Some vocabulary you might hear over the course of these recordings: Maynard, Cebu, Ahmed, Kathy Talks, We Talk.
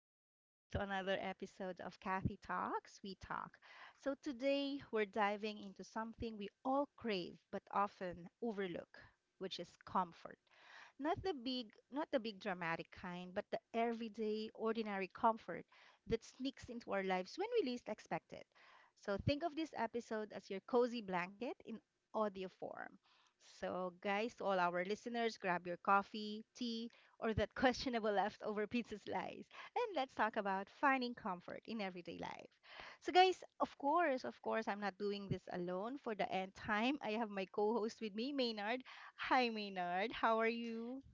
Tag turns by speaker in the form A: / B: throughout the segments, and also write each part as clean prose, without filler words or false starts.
A: Welcome back to another episode of Kathy Talks, We Talk. So, today we're diving into something we all crave but often overlook, which is comfort. Not the big dramatic kind, but the everyday, ordinary comfort that sneaks into our lives when we least expect it. So think of this episode as your cozy blanket in audio form. So, guys, to all our listeners, grab your coffee, tea, or that questionable leftover pizza slice, and let's talk about finding comfort in everyday life. So, guys, of course, I'm not doing this alone. For the end time, I have my co host with me, Maynard. Hi, Maynard. How are you?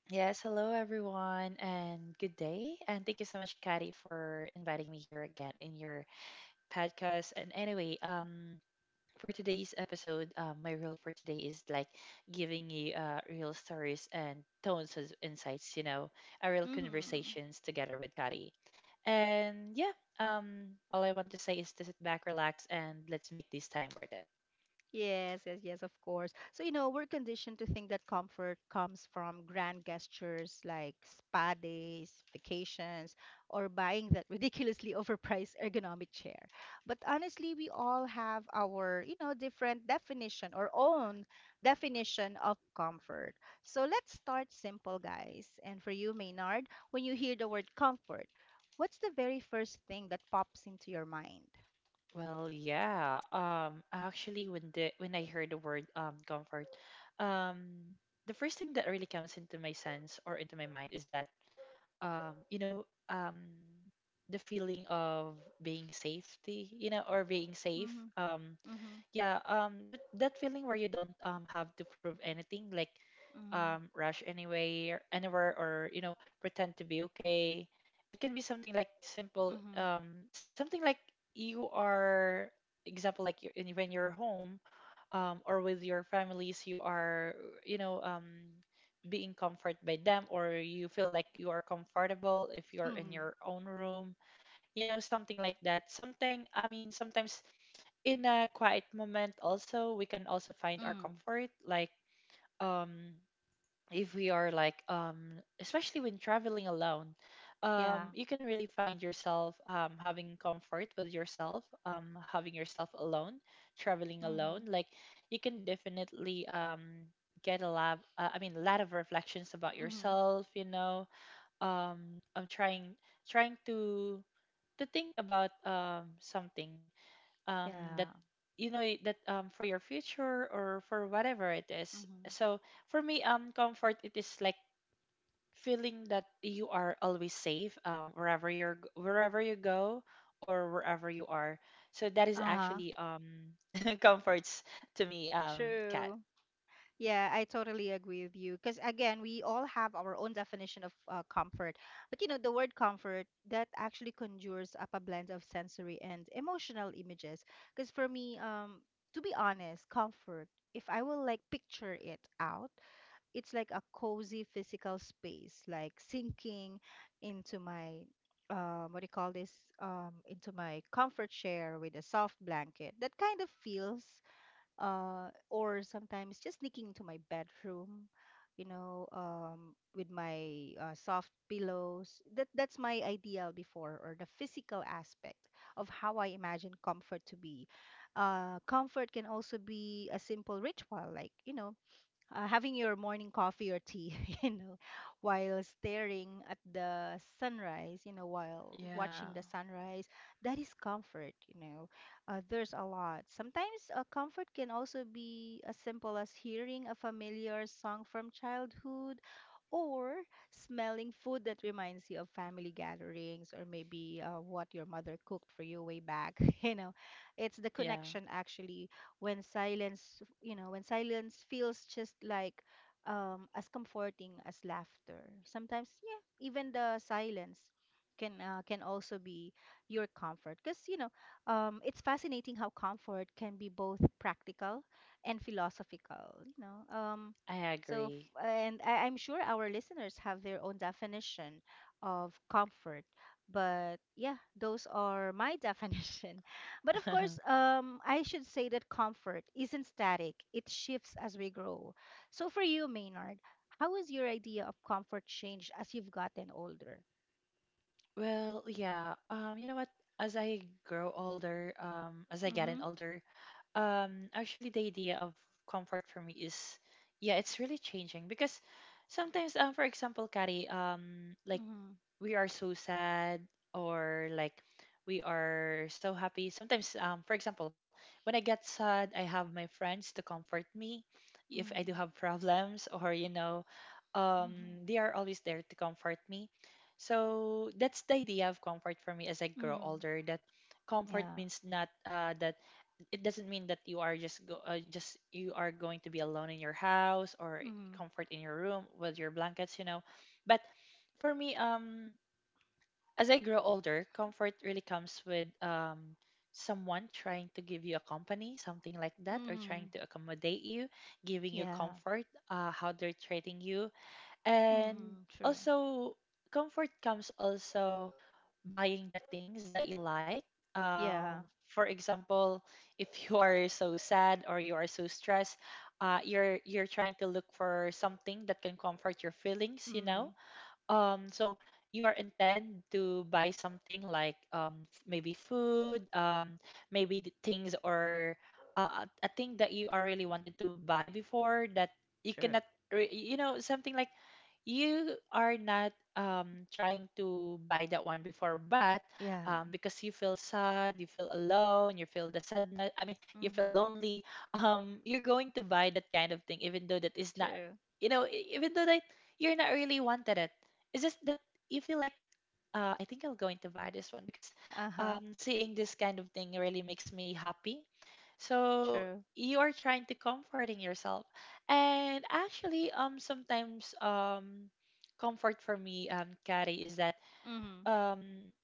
B: Yes, hello everyone, and good day. And thank you so much, Katty, for inviting me here again in your podcast. And anyway, for today's episode, my rule for today is like giving you real stories and tones of insights, you know, a real
A: Mm-hmm.
B: conversations together with Katty. And yeah, all I want to say is to sit back, relax, and let's make this time worth it.
A: Yes, yes, yes, of course. So, you know, we're conditioned to think that comfort comes from grand gestures like spa days, vacations, or buying that ridiculously overpriced ergonomic chair. But honestly, we all have our, you know, different definition or own definition of comfort. So let's start simple, guys. And for you, Maynard, when you hear the word comfort, what's the very first thing that pops into your mind?
B: Well, yeah. Actually, when I heard the word comfort, um, the first thing that really comes into my sense or into my mind is that you know, the feeling of being safety, you know, or being safe.
A: Mhm, mhm,
B: Yeah, that feeling where you don't have to prove anything, like
A: mm,
B: rush anywhere, or you know, pretend to be okay. It can be something like simple,
A: mhm,
B: something like you are, example like you're, when you're home or with your families, you are, you know, being comforted by them, or you feel like you are comfortable if you're in
A: mhm,
B: your own room, you know, something like that. Something, I mean, sometimes in a quiet moment also, we can also find our
A: mm.
B: comfort, like um if we are like, especially when traveling alone,
A: Yeah.
B: you can really find yourself having comfort with yourself, having yourself alone, traveling alone.
A: Mhm,
B: Like, you can definitely get a lot I mean a lot of reflections about
A: mhm,
B: yourself, you know, I'm trying to think about something, that,
A: yeah.
B: you know, that for your future or for whatever it is.
A: Mhm.
B: So for me, comfort, it is like feeling that you are always safe, wherever you're wherever you go or wherever you are. So that is
A: Uh-huh.
B: actually comforts to me, cat.
A: True. Yeah, I totally agree with you. Because again, we all have our own definition of comfort. But you know, the word comfort that actually conjures up a blend of sensory and emotional images. Because for me, to be honest, comfort, if I will like picture it out, it's like a cozy physical space, like sinking into my what do you call this? Into my comfort chair with a soft blanket. That kind of feels, or sometimes just sneaking into my bedroom, you know, with my soft pillows. That's my ideal before, or the physical aspect of how I imagine comfort to be. Comfort can also be a simple ritual, like you know, having your morning coffee or tea, you know, while staring at the sunrise, you know, while
B: Yeah,
A: watching the sunrise, that is comfort, you know. There's a lot. Sometimes comfort can also be as simple as hearing a familiar song from childhood or smelling food that reminds you of family gatherings or maybe what your mother cooked for you way back. You know, it's the
B: yeah,
A: connection actually when silence, you know, when silence feels just like as comforting as laughter. Sometimes, yeah, even the silence can also be your comfort because you know it's fascinating how comfort can be both practical and philosophical. You know,
B: I
A: so
B: agree.
A: and I'm sure our listeners have their own definition of comfort, but yeah, those are my definition. But of course, I should say that comfort isn't static, it shifts as we grow. So for you, Maynard, how has your idea of comfort changed as you've gotten older?
B: Well, yeah. You know what? As I grow older, as I get in
A: Mm-hmm.
B: older. Actually, the idea of comfort for me is, yeah, it's really changing, because sometimes, for example, Kari, like,
A: Mm-hmm.
B: we are so sad or like we are so happy. Sometimes, for example, when I get sad, I have my friends to comfort me if I do have
A: Mm-hmm.
B: problems, or you know, they
A: Mm-hmm.
B: are always there to comfort me. So that's the idea of comfort for me as I grow
A: Mm-hmm.
B: older. That comfort means
A: Yeah.
B: not that, it doesn't mean that you are just go just you are going to be alone in your house or
A: Mm-hmm.
B: comfort in your room with your blankets, you know. But for me, as I grow older, comfort really comes with someone trying to give you a company, something like that, or trying to
A: Mm-hmm.
B: accommodate you, giving you
A: Yeah.
B: comfort, how they're treating you. And
A: Mm-hmm. True.
B: also comfort comes also buying the things that you like.
A: Yeah.
B: For example, if you are so sad or you are so stressed, you're trying to look for something that can comfort your feelings, you know,
A: Mm-hmm.
B: so you are intend to buy something like maybe food, maybe the things, or a thing that you are really wanted to buy before, that you
A: True.
B: cannot you know, something like you are not trying to buy that one before. But
A: Yeah.
B: because you feel sad, you feel alone, you feel the sadness, I mean, you feel
A: Mm-hmm.
B: lonely, you're going to buy that kind of thing, even though that is not,
A: True.
B: you know, even though that you're not really wanted it. It's just that you feel like, I think I'll go into buy this one, because
A: Uh-huh.
B: seeing this kind of thing really makes me happy. So
A: True.
B: you are trying to comforting yourself. And actually, sometimes comfort for me, Carrie, is that
A: Mm-hmm.
B: um,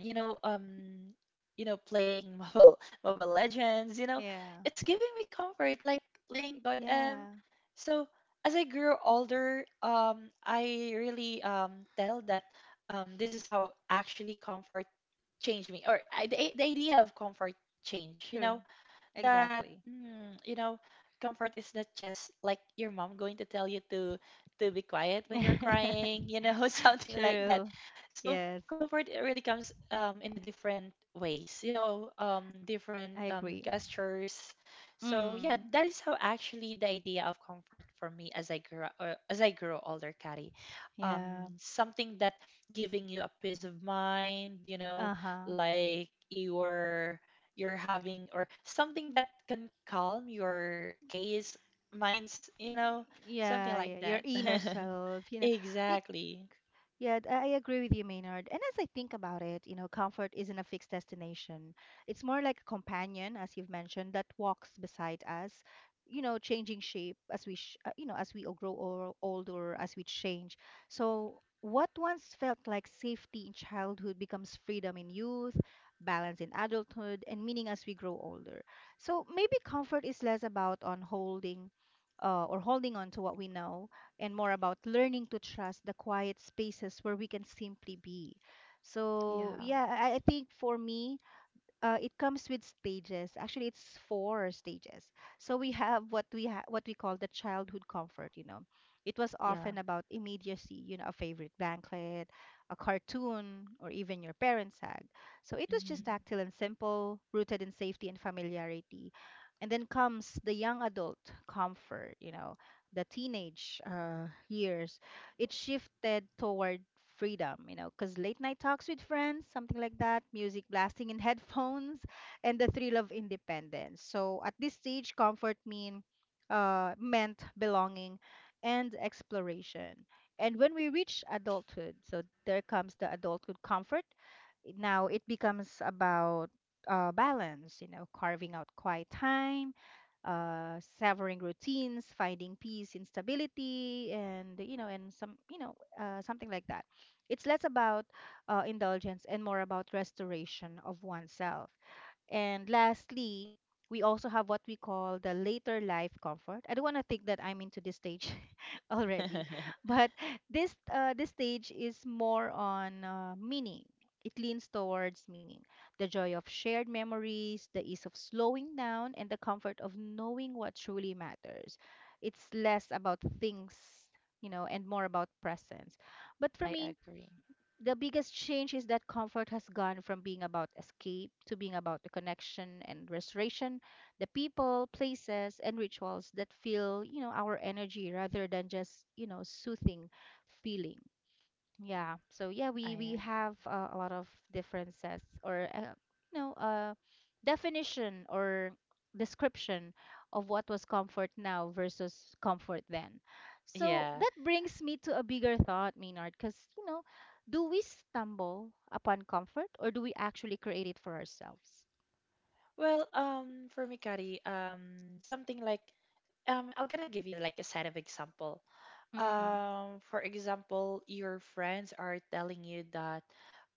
B: you know, um, you know, playing Mobile Legends, you know,
A: Yeah.
B: it's giving me comfort, like playing CODM.
A: Yeah.
B: So as I grew older, I really tell that this is how actually comfort changed me, or I, the idea of comfort changed, you
A: True.
B: know. That,
A: Exactly.
B: mm, you know, comfort is not just like your mom going to tell you to be quiet when you're crying, you know, something like that.
A: True.
B: So
A: Yes,
B: comfort, it really comes in a different ways, you know, different
A: I agree.
B: gestures. So yeah,
A: Mm.
B: that is how actually the idea of comfort for me as I grow as I grow older, Kari.
A: Yeah.
B: um, something that giving you a peace of mind, you know,
A: Uh-huh.
B: like your, you're having, or something that can calm your case minds, you know, something
A: Yeah,
B: like
A: yeah, your
B: that.
A: inner self, you know. Y-
B: Exactly.
A: Yeah, I agree with you, Maynard. And as I think about it, you know, comfort isn't a fixed destination. It's more like a companion, as you've mentioned, that walks beside us, you know, changing shape as we, sh you know, as we all grow or older, as we change. So what once felt like safety in childhood becomes freedom in youth, balance in adulthood, and meaning as we grow older. So maybe comfort is less about on holding or holding on to what we know, and more about learning to trust the quiet spaces where we can simply be.
B: Yeah.
A: So, yeah, I think for me, it comes with stages. Actually, it's four stages. So we have what we call the childhood comfort. You know, it was
B: Yeah,
A: often about immediacy. You know, a favorite blanket, a cartoon, or even your parents' hug. So it was just
B: hmm.
A: tactile and simple, rooted in safety and familiarity. And then comes the young adult comfort. You know, the teenage years it shifted toward freedom, you know, because late night talks with friends, something like that, music blasting in headphones, and the thrill of independence. So at this stage, comfort meant belonging and exploration. And when we reach adulthood, so there comes the adulthood comfort. Now it becomes about balance, you know, carving out quiet time severing routines, finding peace in stability, and you know, and some, you know, something like that. It's less about indulgence and more about restoration of oneself. And lastly, we also have what we call the later life comfort. I don't want to think that I'm into this stage already, but this stage is more on meaning. It leans towards meaning, the joy of shared memories, the ease of slowing down, and the comfort of knowing what truly matters. It's less about things, you know, and more about presence. But for
B: I
A: me,
B: agree,
A: the biggest change is that comfort has gone from being about escape to being about the connection and restoration, the people, places, and rituals that fill, you know, our energy rather than just, you know, soothing feeling. Yeah. So yeah, we
B: I
A: we
B: agree.
A: have a lot of differences or you know definition or description of what was comfort now versus comfort then. So
B: Yeah.
A: that brings me to a bigger thought, Maynard, because you know, do we stumble upon comfort or do we actually create it for ourselves?
B: Well, for me, Kari, something like I'm gonna give you like a set of example.
A: Mm-hmm.
B: For example, your friends are telling you that,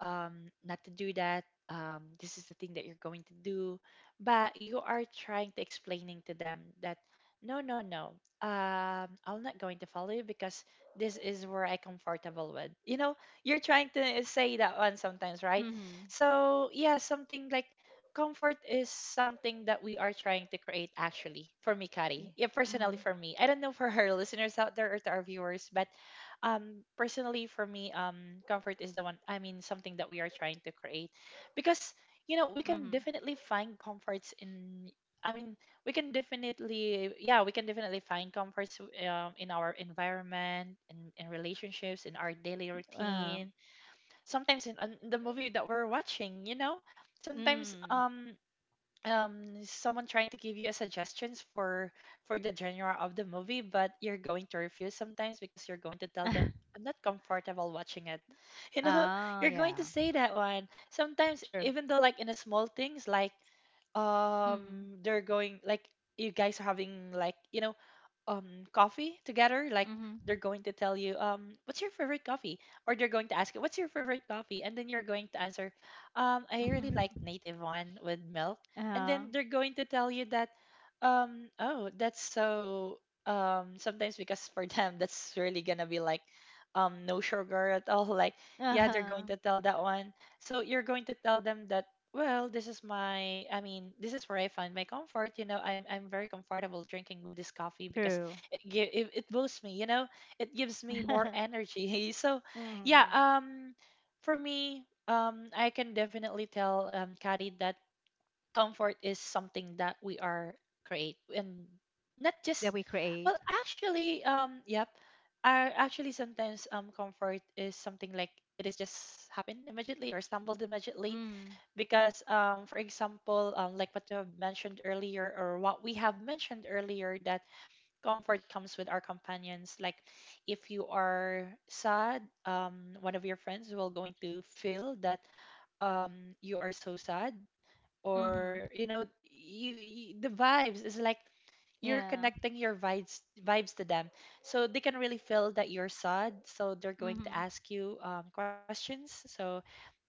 B: not to do that, this is the thing that you're going to do, but you are trying to explaining to them that no, no, no, I'm not going to follow you, because this is where I comfortable with. You know, you're trying to say that one sometimes, right?
A: Mm-hmm.
B: So yeah, something like, comfort is something that we are trying to create, actually, for me,
A: Yeah.
B: Kari. Yeah, personally
A: Mm-hmm.
B: for me, I don't know for her listeners out there or to our viewers, but personally for me, comfort is the one, I mean something that we are trying to create. Because you know, we can
A: Mm-hmm.
B: definitely find comforts in, I mean, we can definitely, yeah, we can definitely find comforts in our environment, in relationships, in our daily
A: Um.
B: routine, sometimes in the movie that we're watching, you know. Sometimes
A: Mm.
B: someone trying to give you a suggestions for the genre of the movie, but you're going to refuse sometimes, because you're going to tell them, I'm not comfortable watching it, you know.
A: Oh,
B: You're going to
A: yeah.
B: say that one sometimes,
A: Sure.
B: even though, like in a small things like
A: Mm-hmm.
B: they're going like, you guys are having, like, you know, coffee together, like,
A: Mm-hmm.
B: they're going to tell you, what's your favorite coffee, or they're going to ask you, what's your favorite coffee, and then you're going to answer, I really like
A: Mm-hmm.
B: native one with milk. And
A: Uh,
B: then they're going to tell you that, oh, that's so, sometimes, because for them, that's really gonna be like, no sugar at all, like, yeah, they're
A: uh-huh.
B: going to tell that one. So you're going to tell them that, well, this is my, I mean, this is where I find my comfort. You know, I'm very comfortable drinking with this coffee, because
A: True.
B: it, it boosts me, you know, it gives me more energy. So yeah,
A: Hmm.
B: for me, I can definitely tell, Kari, that comfort is something that we are create, and not
A: That we
B: just.
A: create.
B: Well, actually, yep, I actually, sometimes, comfort is something like, it is just happened immediately, or stumbled immediately.
A: Mm.
B: Because for example, like what you have mentioned earlier, or what we have mentioned earlier, that comfort comes with our companions. Like, if you are sad, one of your friends will going to feel that you are so sad,
A: Mm-hmm.
B: or you know, you the vibes is like, you're
A: Yeah.
B: connecting your vibes to them, so they can really feel that you're sad, so they're going to
A: Mm-hmm.
B: ask you questions, so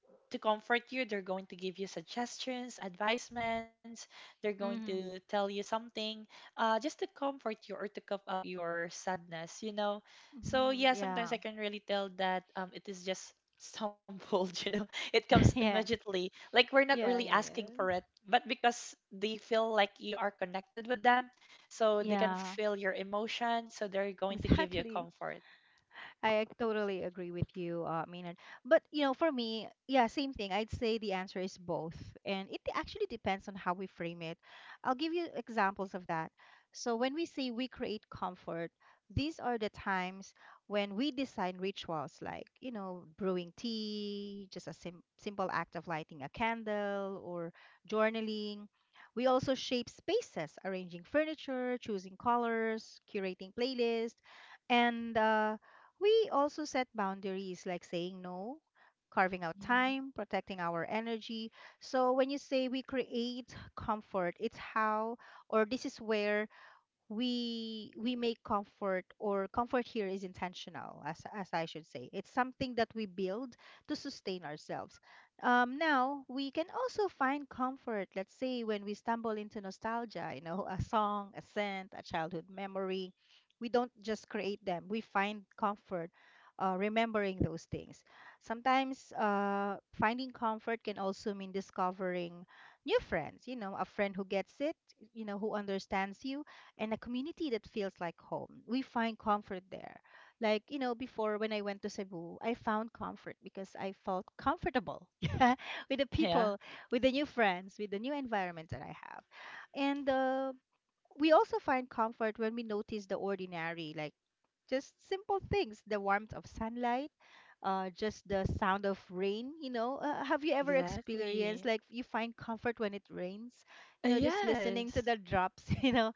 B: to comfort you. They're going to give you suggestions, advisements. They're going to
A: Mm-hmm.
B: tell you something, just to comfort you, or to cover up your sadness, you know. So
A: Mm-hmm.
B: yeah,
A: Yeah.
B: sometimes I can really tell that it is just stumbled, you know. It comes
A: Yeah.
B: immediately. Like, we're not
A: Yeah.
B: really
A: Yeah.
B: asking for
A: Yeah.
B: it, but because they feel like you are connected with them, so they can
A: Yeah.
B: feel your emotion, so they're going to give you
A: Exactly.
B: comfort.
A: I totally agree with you, Maynard. But you know, for me, yeah, same thing. I'd say the answer is both, and it actually depends on how we frame it. I'll give you examples of that. So when we say we create comfort, these are the times when we design rituals like, you know, brewing tea, just a simple act of lighting a candle, or journaling. We also shape spaces, arranging furniture, choosing colors, curating playlists, and we also set boundaries like saying no, carving out time, protecting our energy. So when you say we create comfort, it's how or this is where we make comfort or comfort here is intentional as I should say it's something that we build to sustain ourselves. Now we can also find comfort, let's say when we stumble into nostalgia, you know, a song, a scent, a childhood memory. We don't just create them, we find comfort remembering those things. Sometimes finding comfort can also mean discovering new friends, you know, a friend who gets it, you know, who understands you, and a community that feels like home. We find comfort there. Like, you know, before when I went to Cebu, I found comfort because I felt comfortable yeah, with the
B: Mm.
A: people, with the new friends, with the new environment that I have. And we also find comfort when we notice the ordinary, like just simple things, the warmth of sunlight, just the sound of rain. You know, have you ever experienced
B: Exactly.
A: like you find comfort when it rains? You know, just listening to
B: Yes.
A: the drops, you know,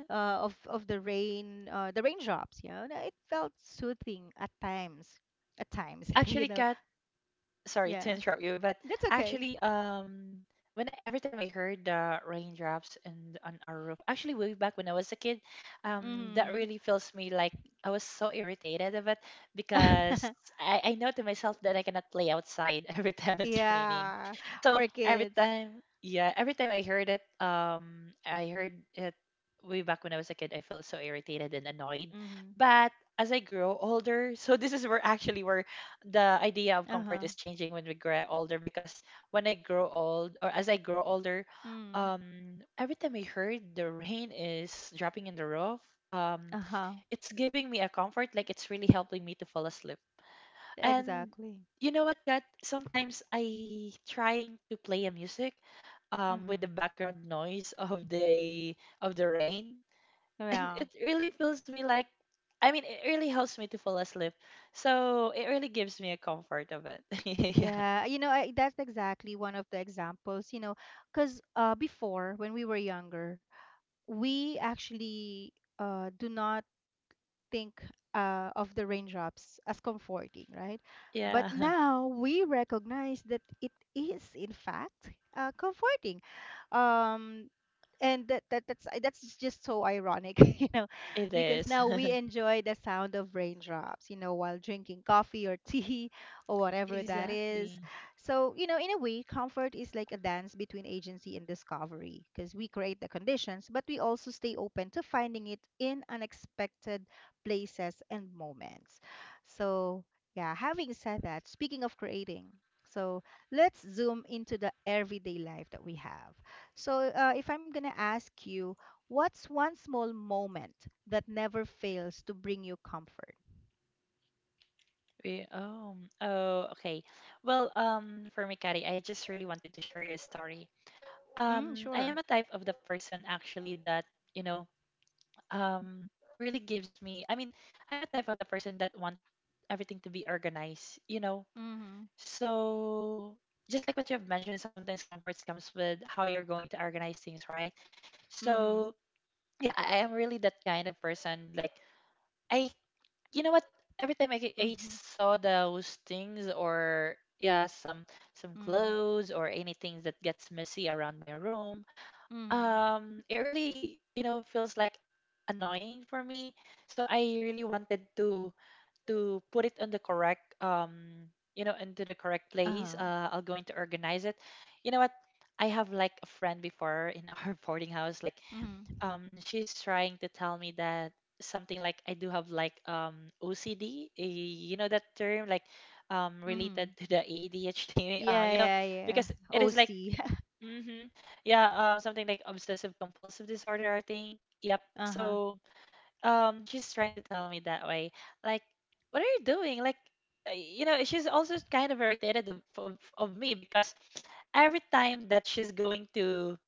B: Uh,
A: of the rain, the raindrops. You know, it felt soothing at times. At times, you
B: actually,
A: know.
B: Kat, sorry
A: Yeah,
B: to interrupt you, but
A: that's okay.
B: actually, when every time I heard the raindrops and on our roof, actually way back when I was a kid, that
A: Mm-hmm.
B: really feels me like I was so irritated of it, because I know to myself that I cannot play outside every time it's raining.
A: Yeah, for
B: So every
A: kids.
B: time, yeah, every time I heard it way back when I was a kid, I felt so irritated and annoyed.
A: Mm-hmm.
B: But as I grow older, so this is where actually where the idea of
A: Uh-huh.
B: comfort is changing when we grow older because when I grow old or as I grow older,
A: Mm.
B: every time I heard the rain is dropping in the roof, um,
A: Uh-huh.
B: it's giving me a comfort, like it's really helping me to fall asleep. And
A: Exactly.
B: you know what, Kat? Sometimes I trying to play a music with the
A: Mm-hmm.
B: background noise of the rain and
A: Yeah.
B: it really feels me like I mean it really helps me to fall asleep. So it really gives me a comfort of it. Yeah.
A: Yeah, you know, that's exactly one of the examples, you know, because before when we were younger, we actually do not think of the raindrops as comforting, right? But
B: Yeah.
A: now we recognize that it is, in fact, comforting. Um, and that's just so ironic you know
B: It
A: because
B: is.
A: now we enjoy the sound of raindrops, you know, while drinking coffee or tea, or whatever that is.
B: Exactly.
A: So you know, in a way comfort is like a dance between agency and discovery because we create the conditions but we also stay open to finding it in unexpected places and moments. So yeah, having said that, speaking of creating, so let's zoom into the everyday life that we have. So, if I'm going to ask you, what's one small moment that never fails to bring you comfort?
B: We, oh, oh, okay. Well, for me, Kari, I just really wanted to share your story.
A: Mm,
B: I am a
A: sure.
B: type of the person actually that, you know, um, really gives me, I mean, I'm a type of the person that want everything to be organized, you know.
A: Mm-hmm.
B: So, just like what you've mentioned, sometimes comforts comes with how you're going to organize things, right?
A: Mm-hmm.
B: So, yeah, I am really that kind of person. Like, I, you know what? Every time I, I
A: Mm-hmm.
B: saw those things or yeah, some
A: Mm-hmm.
B: clothes or anything that gets messy around my room,
A: Mm-hmm.
B: it really you know feels like annoying for me, so I really wanted to put it on the correct you know into the correct place.
A: Uh-huh.
B: I'll going to organize it. You know what, I have like a friend before in our boarding house. Like,
A: Mm-hmm.
B: she's trying to tell me that something like I do have like OCD, eh, you know, that term like related
A: Mm-hmm.
B: to the ADHD,
A: Yeah,
B: you know,
A: yeah, yeah.
B: because it is like
A: OC.
B: Mm-hmm. Yeah, something like obsessive compulsive disorder, I think. Yep.
A: Uh-huh.
B: So, she's trying to tell me that way. Like, what are you doing? Like, you know, she's also kind of irritated of me because every time that she's going to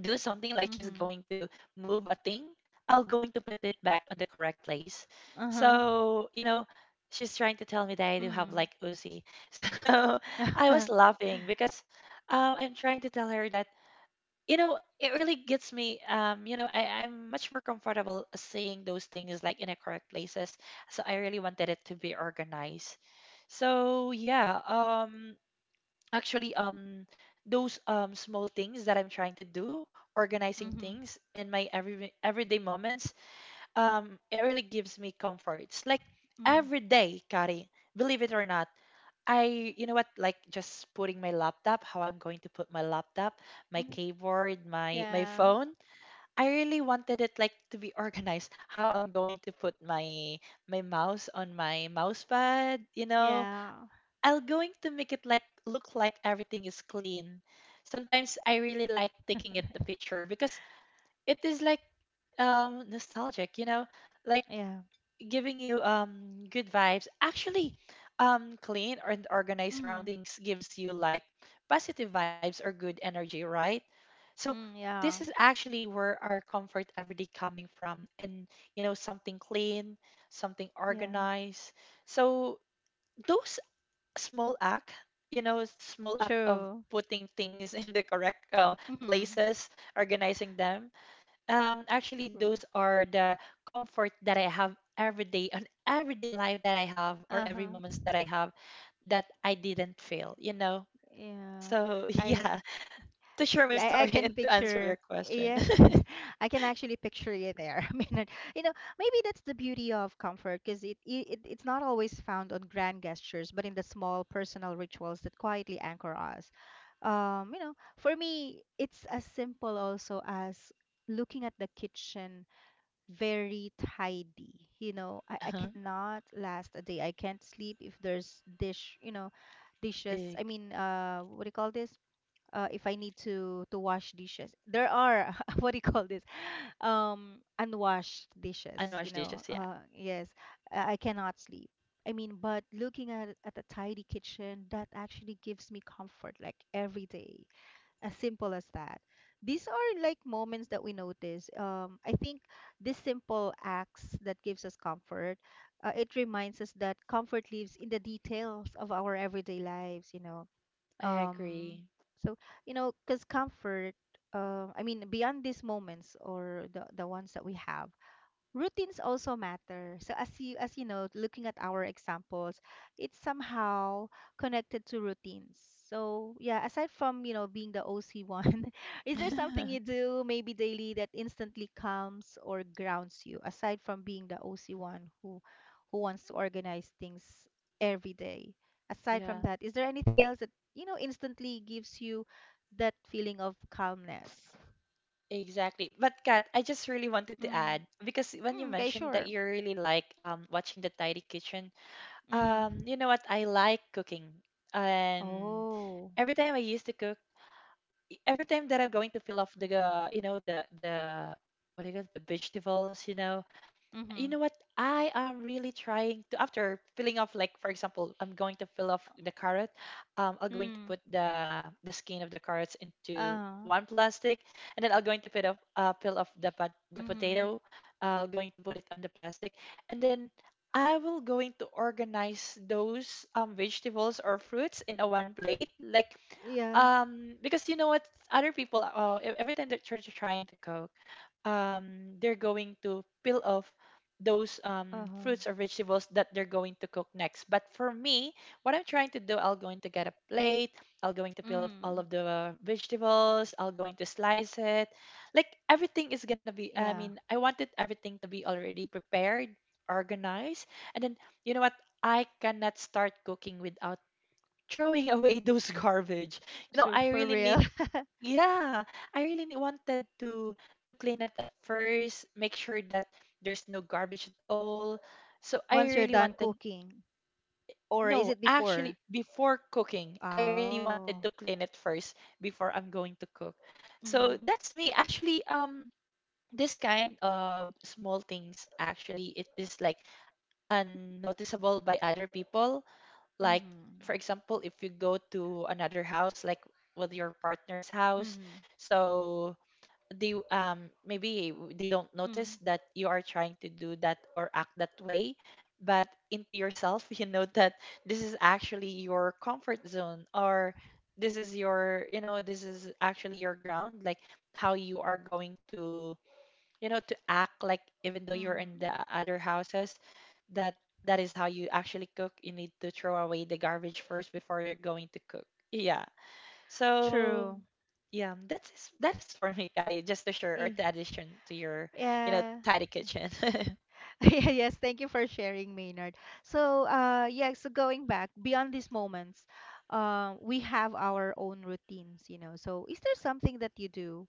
B: do something, like she's
A: Mm-hmm.
B: going to move a thing, I'll going to put it back on the correct place.
A: Uh-huh.
B: So, you know, she's trying to tell me that I do have like OC. So I
A: Mm-hmm.
B: was laughing because I'm trying to tell her that you know it really gets me you know I'm much more comfortable saying those things like in the correct places, so I really wanted it to be organized. So yeah, actually those small things that I'm trying to do, organizing
A: Mm-hmm.
B: things in my everyday moments, it really gives me comfort. It's like every day, Kari, believe it or not, I, you know what, like just putting my laptop, how I'm going to put my laptop, my
A: Mm-hmm.
B: keyboard, my
A: Yeah.
B: phone. I really wanted it like to be organized, how I'm going to put my my mouse on my mouse pad, you know.
A: Yeah.
B: I'll going to make it like look like everything is clean. Sometimes I really like taking it the picture because it is like nostalgic, you know. Like
A: Yeah.
B: giving you good vibes. Actually, clean and organized
A: Mm-hmm.
B: surroundings gives you like positive vibes or good energy, right? So
A: Mm,
B: this
A: yeah.
B: is actually where our comfort everyday coming from, and you know something clean, something
A: Yeah.
B: organized. So those small act, you know, small act of
A: True.
B: putting things in the correct
A: Mm-hmm.
B: places, organizing them, actually
A: True.
B: those are the comfort that I have every day and everyday life that I have or every
A: Uh-huh.
B: moments that I have that I didn't fail, you know.
A: Yeah,
B: So
A: I
B: yeah, to share my
A: yeah, I
B: story
A: can
B: and to answer
A: picture.
B: your question.
A: Yeah, I can actually picture you there. I mean, you know, maybe that's the beauty of comfort, because it's not always found on grand gestures, but in the small personal rituals that quietly anchor us. For me, it's as simple also as looking at the kitchen very tidy. I
B: Uh-huh.
A: cannot last a day. I can't sleep if there's dishes.
B: Ig-
A: I mean, what do you call this? If I need to wash dishes. There are What
B: mhm.
A: do you call this? Unwashed dishes.
B: Unwashed dishes, yeah.
A: Yes, I cannot sleep. I mean, but looking at a tidy kitchen, that actually gives me comfort, like every day. As simple as that. These are like moments that we notice. I think these simple acts that gives us comfort. It reminds us that comfort lives in the details of our everyday lives.
B: I
A: Um
B: agree.
A: so because comfort, I mean, beyond these moments or the ones that we have, routines also matter. So, as you know, looking at our examples, it's somehow connected to routines. So yeah, aside from being the OC one, is there something you do maybe daily that instantly calms or grounds you, aside from being the OC one who wants to organize things every day? Aside from
B: Yeah.
A: that, is there anything else that instantly gives you that feeling of calmness?
B: Exactly. But Kat, I just really wanted to
A: Mm.
B: add because when you
A: Mm, okay,
B: mentioned that
A: sure.
B: you really like watching the tidy kitchen,
A: Mm-hmm.
B: You know what? I like cooking. And
A: Oh,
B: every time I used to cook, every time that I'm going to peel off the, you know, the what do you call it, the vegetables, you
A: mhm.
B: know what? I am really trying to after filling off, like for example, I'm going to fill off the carrot. I'm going
A: Mm.
B: to put the skin of the carrots into
A: Uh,
B: one plastic, and then I'm going to put off peel off the
A: Mhm.
B: potato. Going to put it on the plastic, and then I will going to organize those vegetables or fruits in a one plate. Like,
A: Yeah.
B: because you know what, other people every time the church is trying to cook, they're going to peel off those fruits
A: Uh-huh.
B: or vegetables that they're going to cook next, but for me, what I'm trying to do, I'll going to get a plate, I'll going to peel off all
A: Mhm.
B: of the vegetables, I'll going to slice it, like everything is gonna be, I mean,
A: Yeah.
B: I wanted everything to be already prepared, organized, and then you know what, I cannot start cooking without throwing away those garbage. You know,
A: So
B: I
A: for
B: really
A: real,
B: need yeah, I really wanted to clean at the first, make sure that there's no garbage at all. So I
A: once you're
B: really
A: done
B: wanted
A: cooking, or is
B: no,
A: it
B: actually
A: before?
B: before cooking, I really wanted
A: Oh,
B: to clean it first before I'm going to cook. So
A: mm.
B: that's me. Actually, this kind of small things actually it is like unnoticeable by other people, like
A: Mhm.
B: for example if you go to another house, like with your partner's house.
A: Mhm.
B: So they maybe they don't notice
A: Mm.
B: that you are trying to do that or act that way, but into yourself you know that this is actually your comfort zone, or this is your you know this is actually your ground, like how you are going to you know to act like even though you're in the
A: Mhm.
B: other houses, that that is how you actually cook. You need to throw away the garbage first before you're going to cook. Yeah, so
A: True.
B: yeah, that's for me, Kari, just to share or
A: Y-
B: to addition to your you know
A: Yeah.
B: tidy kitchen.
A: Yeah. Yes, thank you for sharing, Maynard. So, yeah, so going back beyond these moments, we have our own routines. So, is there something that you do,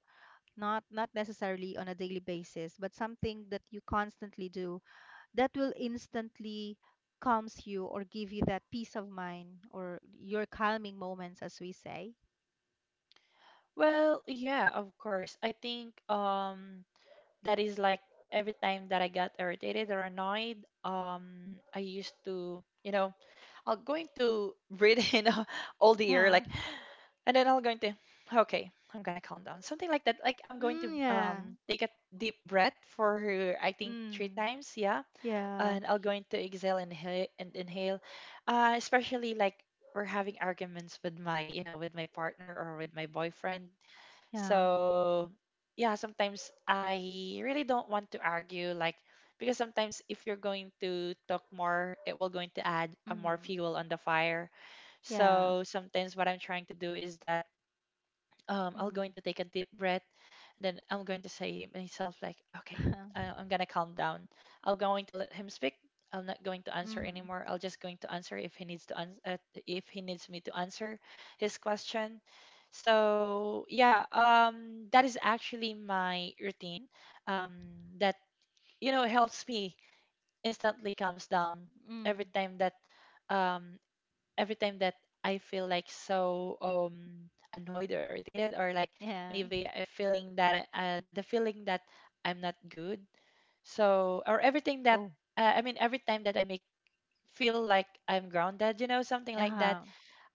A: not necessarily on a daily basis, but something that you constantly do that will instantly calms you or give you that peace of mind or your calming moments, as we say?
B: Well yeah, of course. I think that is like every time that I got irritated or annoyed, I used to you know I'll going to breathe in all the air
A: Yeah.
B: like, and then I'm going to okay, I'm gonna calm down. Something like that. Like I'm going to
A: Mm, yeah.
B: take a deep breath for her, I think three
A: Mm,
B: times, yeah.
A: yeah.
B: And I'll going to exhale and inhale and inhale. Especially like we're having arguments with my, you know, with my partner or with my boyfriend.
A: Yeah.
B: So yeah, sometimes I really don't want to argue, like, because sometimes if you're going to talk more, it will going to add a more
A: Mm-hmm.
B: fuel on the fire.
A: Yeah.
B: So sometimes what I'm trying to do is that I'm
A: Mm-hmm.
B: going to take a deep breath. Then I'm going to say myself like, okay, I'm gonna calm down. I'm going to let him speak. I'm not going to answer
A: Mm-hmm.
B: anymore. I'll just going to answer if he needs to answer if he needs me to answer his question. So yeah, that is actually my routine. Um, that you know helps me instantly calms down
A: Mm,
B: every time that um, every time that I feel like so annoyed or irritated or like
A: yeah.
B: maybe a feeling that the feeling that I'm not good. So or everything that
A: Oh.
B: I mean every time that I make feel like I'm grounded, you know, something like that,
A: Uh-huh.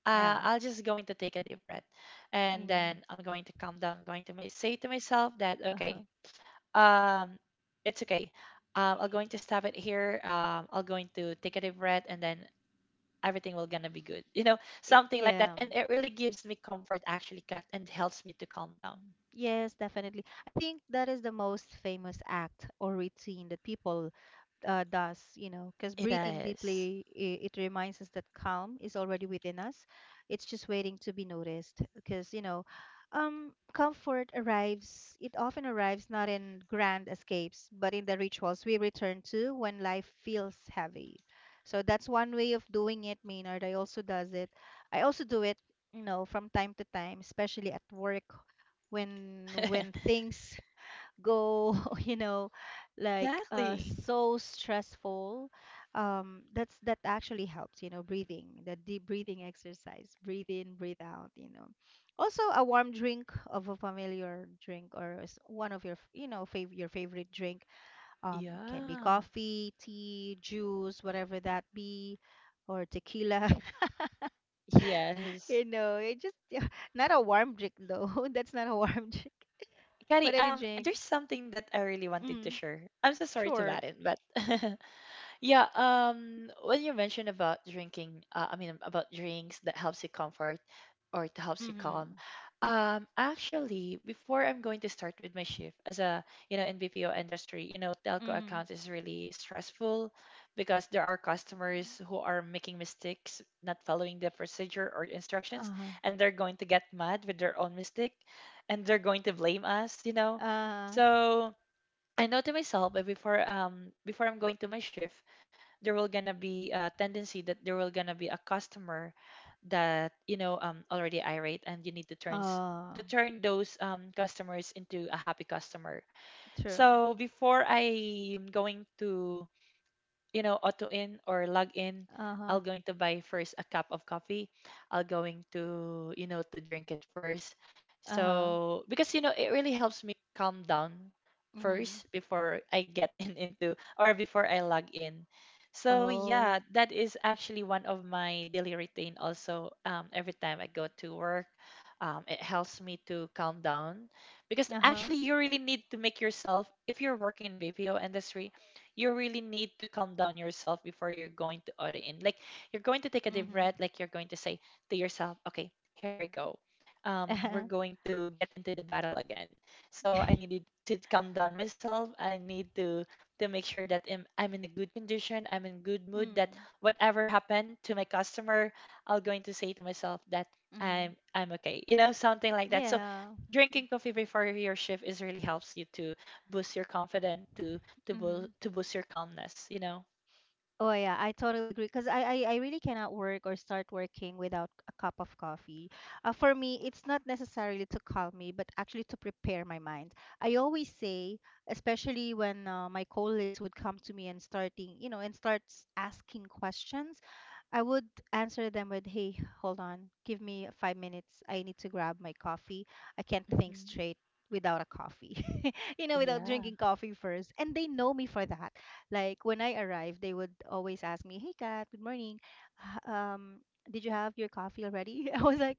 A: Yeah.
B: I'll just going to take a deep breath, and
A: Mm.
B: then I'm going to calm down, I'm going to say to myself that
A: Uh-huh.
B: okay, um it's okay. I'm going to stop it here. I'm going to take a deep breath, and then everything will gonna be good, you know,
A: Y-
B: something like that,
A: Yeah.
B: and it really gives me comfort actually, Kat, and helps me to calm down.
A: Mm, yes, definitely. I think that is the most famous act or routine that people does, because
B: It
A: breathing
B: is
A: deeply, it reminds us that calm is already within us. It's just waiting to be noticed because, comfort arrives, it often arrives not in grand escapes, but in the rituals we return to when life feels heavy. So that's one way of doing it, Maynard. I also does it. I also do it, from time to time, especially at work, when when things go you know like
B: exactly
A: so stressful. That's that actually helps, breathing, the deep breathing exercise. Breathe in, breathe out. Also a warm drink of a familiar drink, or one of your f- you know fav- your favorite drink. Can be
B: yeah
A: coffee, tea, juice, whatever that be. Or tequila. you
B: yes
A: know it just Not a warm drink though. That's not a warm drink, but
B: Kari,
A: any drink.
B: there's something that I really wanted to
A: Mm,
B: share. I'm so sorry to
A: sure.
B: about it, but yeah, when you mentioned about drinking, I mean about drinks that helps you comfort or to helps you calm.
A: Mhm.
B: Actually, before I'm going to start with my shift as a, you know, in BPO industry, you know, telco
A: Mhm.
B: account is really stressful because there are customers who are making mistakes, not following the procedure or instructions,
A: Uh-huh.
B: and they're going to get mad with their own mistake, and they're going to blame us, you know.
A: Uh,
B: So I know to myself, but before before I'm going to my shift, there will gonna be a tendency that there will gonna be a customer that you know already irate, and you need to turn
A: uh,
B: to turn those customers into a happy customer.
A: true.
B: So before I'm going to you know, auto in or log in,
A: Uh-huh.
B: I'll going to buy first a cup of coffee. I'll going to, you know, to drink it first.
A: Uh-huh.
B: So because it really helps me calm down
A: Mhm.
B: first before I get in into or before I log in. So yeah,
A: Oh.
B: that is actually one of my daily routine also, every time I go to work. It helps me to calm down, because
A: Uh-huh.
B: actually you really need to make yourself, if you're working in BPO industry, you really need to calm down yourself before you're going to order in. Like, you're going to take a deep
A: Mhm.
B: breath, like you're going to say to yourself, okay, here we go. We're going to get into the battle again. So I needed to calm down myself. I need to make sure that I'm in a good condition, I'm in good mood. That
A: Mm.
B: whatever happened to my customer, I'm going to say to myself that
A: Mhm.
B: I'm okay. You know, something like that. So
A: Yeah.
B: drinking coffee before your shift is really helps you to boost your confidence, to to boost
A: Mhm.
B: to boost your calmness.
A: Oh yeah, I totally agree because I really cannot work or start working without a cup of coffee. For me, it's not necessarily to calm me, but actually to prepare my mind. I always say, especially when my colleagues would come to me and and starts asking questions, I would answer them with, "Hey, hold on. Give me 5 minutes. I need to grab my coffee. I can't think
B: Hmm.
A: straight without a coffee." Without drinking
B: Yeah.
A: coffee first. And they know me for that. Like when I arrive, they would always ask me, "Hey, Kat, good morning, h- um, did you have your coffee already?" I was like,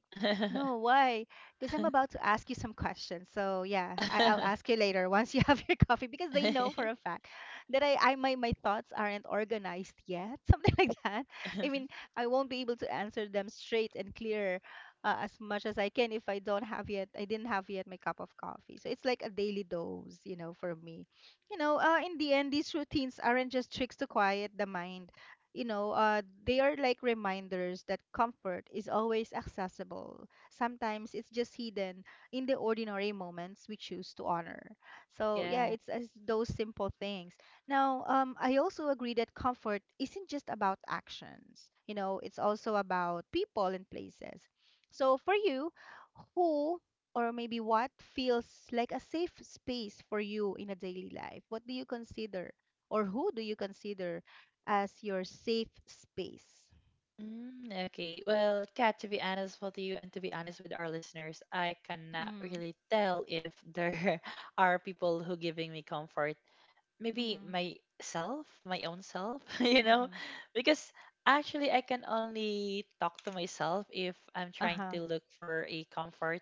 A: "No, why? Because I'm about to ask you some questions. So yeah, I'll ask you later once you have your coffee," because they know for a fact that my thoughts aren't organized yet, something like that. I mean, I won't be able to answer them straight and clear, as much as I can, if I didn't have yet my cup of coffee. So it's like a daily dose, for me. In the end, these routines aren't just tricks to quiet the mind. They are like reminders that comfort is always accessible. Sometimes it's just hidden in the ordinary moments we choose to honor. So, yeah, it's
B: Yeah.
A: as those simple things. Now, I also agree that comfort isn't just about actions. It's also about people and places. So, for you, who or maybe what feels like a safe space for you in a daily life? What do you consider? Or who do you consider as your safe space?
B: Mm, okay. Well, Kat, to be honest with you and to be honest with our listeners, I cannot
A: Mm,
B: really tell if there are people who giving me comfort. Maybe
A: mhm,
B: myself, my own self,
A: mhm.
B: because actually I can only talk to myself if I'm trying
A: Uh-huh.
B: to look for a comfort.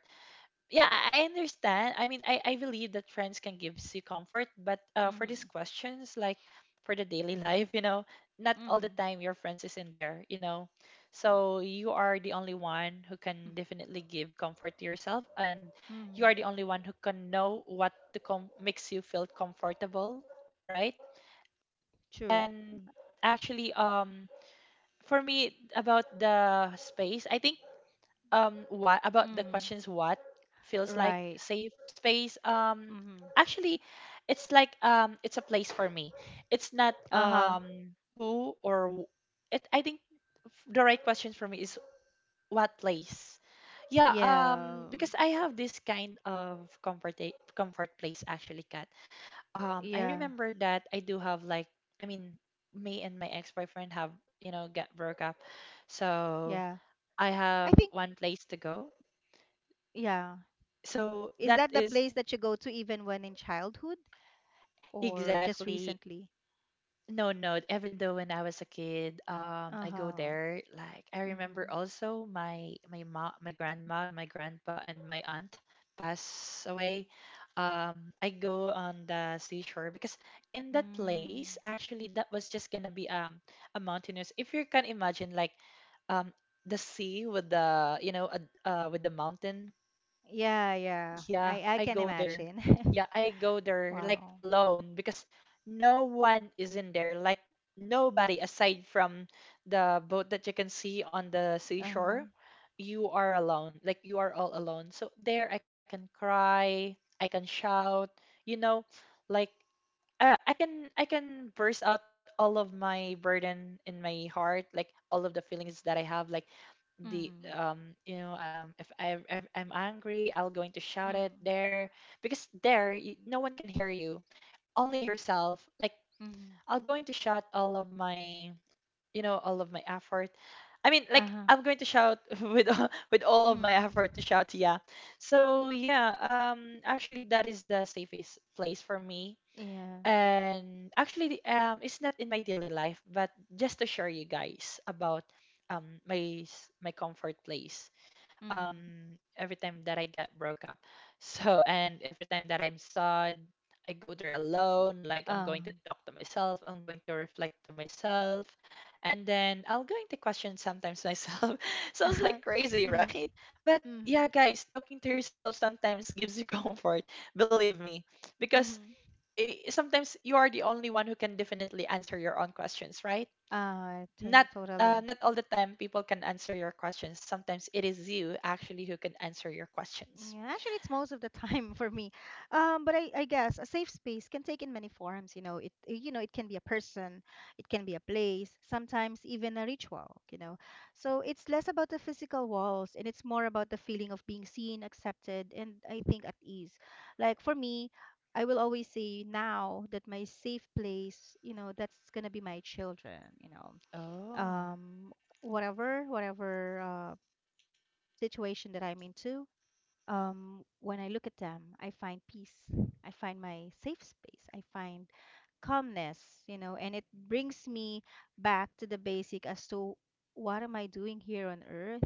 B: Yeah, I understand. I mean, I believe that friends can give you comfort, but for these
A: Mhm.
B: questions, like for the daily life, not all the
A: Mhm.
B: time your friends is in there, so you are the only one who
A: Mm,
B: can definitely give comfort to yourself, and you are
A: mhm.
B: the only one who can know what makes you feel comfortable, right?
A: True.
B: And actually, for me about the space, I think, what about the
A: Mhm.
B: questions, what feels like
A: Right.
B: safe space?
A: Mhm.
B: Actually, it's like, it's a place for me, it's not
A: Uh-huh.
B: who or it, I think the right question for me is what place. Yeah,
A: Yeah.
B: because I have this kind of comfort place actually, Kat. I
A: Yeah.
B: remember that I do have like, I mean, me and my ex-boyfriend have, get broke up, so
A: Yeah.
B: I
A: I
B: have
A: think
B: one place to go.
A: yeah.
B: So
A: Is
B: that
A: that the place
B: is,
A: that you go to even when in childhood or just
B: exactly,
A: recently?
B: no, no, even though when I was a kid, I go
A: Uh-huh.
B: there, like I remember
A: Mhm.
B: also my mom, my grandma, my grandpa, and my aunt pass away, I go on the seashore, because in that place,
A: Mm.
B: actually that was just gonna be, a mountainous, if you can imagine, like, um the sea with the mountain.
A: Yeah, yeah.
B: Yeah,
A: I
B: I
A: can
B: go there.
A: imagine.
B: Yeah, I go there like
A: Wow.
B: alone, because no one is in there. Like nobody aside from the boat that you can see on the
A: Uh-huh.
B: seashore. You are alone. Like you are all alone. So there I can cry, I can shout, you know, like, I can burst out all of my burden in my heart, like all of the feelings that I have, like the
A: Mm.
B: you know if I'm angry, I'll going to shout it
A: Mm.
B: there, because there, no one can hear you, only yourself. Like
A: Mhm.
B: I'll going to shout all of my effort. I mean, like
A: Uh-huh.
B: I'm going to shout with all of my
A: Mm.
B: effort to shout, yeah. So yeah, actually that is the safest place for me,
A: Yeah.
B: and actually it's not in my daily life, but just to share you guys about my comfort place,
A: Mm-hmm.
B: every time that I get broke up, so and every time that I'm sad, I go there alone, like I'm going to
A: Um.
B: talk to myself, I'm going to reflect to myself, and then I am going to question sometimes myself, sounds like crazy, right? But
A: Mm-hmm.
B: yeah, guys, talking to yourself sometimes gives you comfort, believe me, because
A: Mm-hmm.
B: sometimes you are the only one who can definitely answer your own questions, right? Not uh,
A: Totally.
B: not all the time people can answer your questions. Sometimes it is you actually who can answer your questions.
A: Yeah, actually, it's most of the time for me. But I guess a safe space can take in many forms. It can be a person, it can be a place, sometimes even a ritual. So it's less about the physical walls and it's more about the feeling of being seen, accepted, and I think at ease. Like for me, I will always say now that my safe place, that's gonna be my children.
B: Oh.
A: Um, Whatever situation that I'm into, when I look at them, I find peace. I find my safe space. I find calmness, and it brings me back to the basic as to, what am I doing here on earth?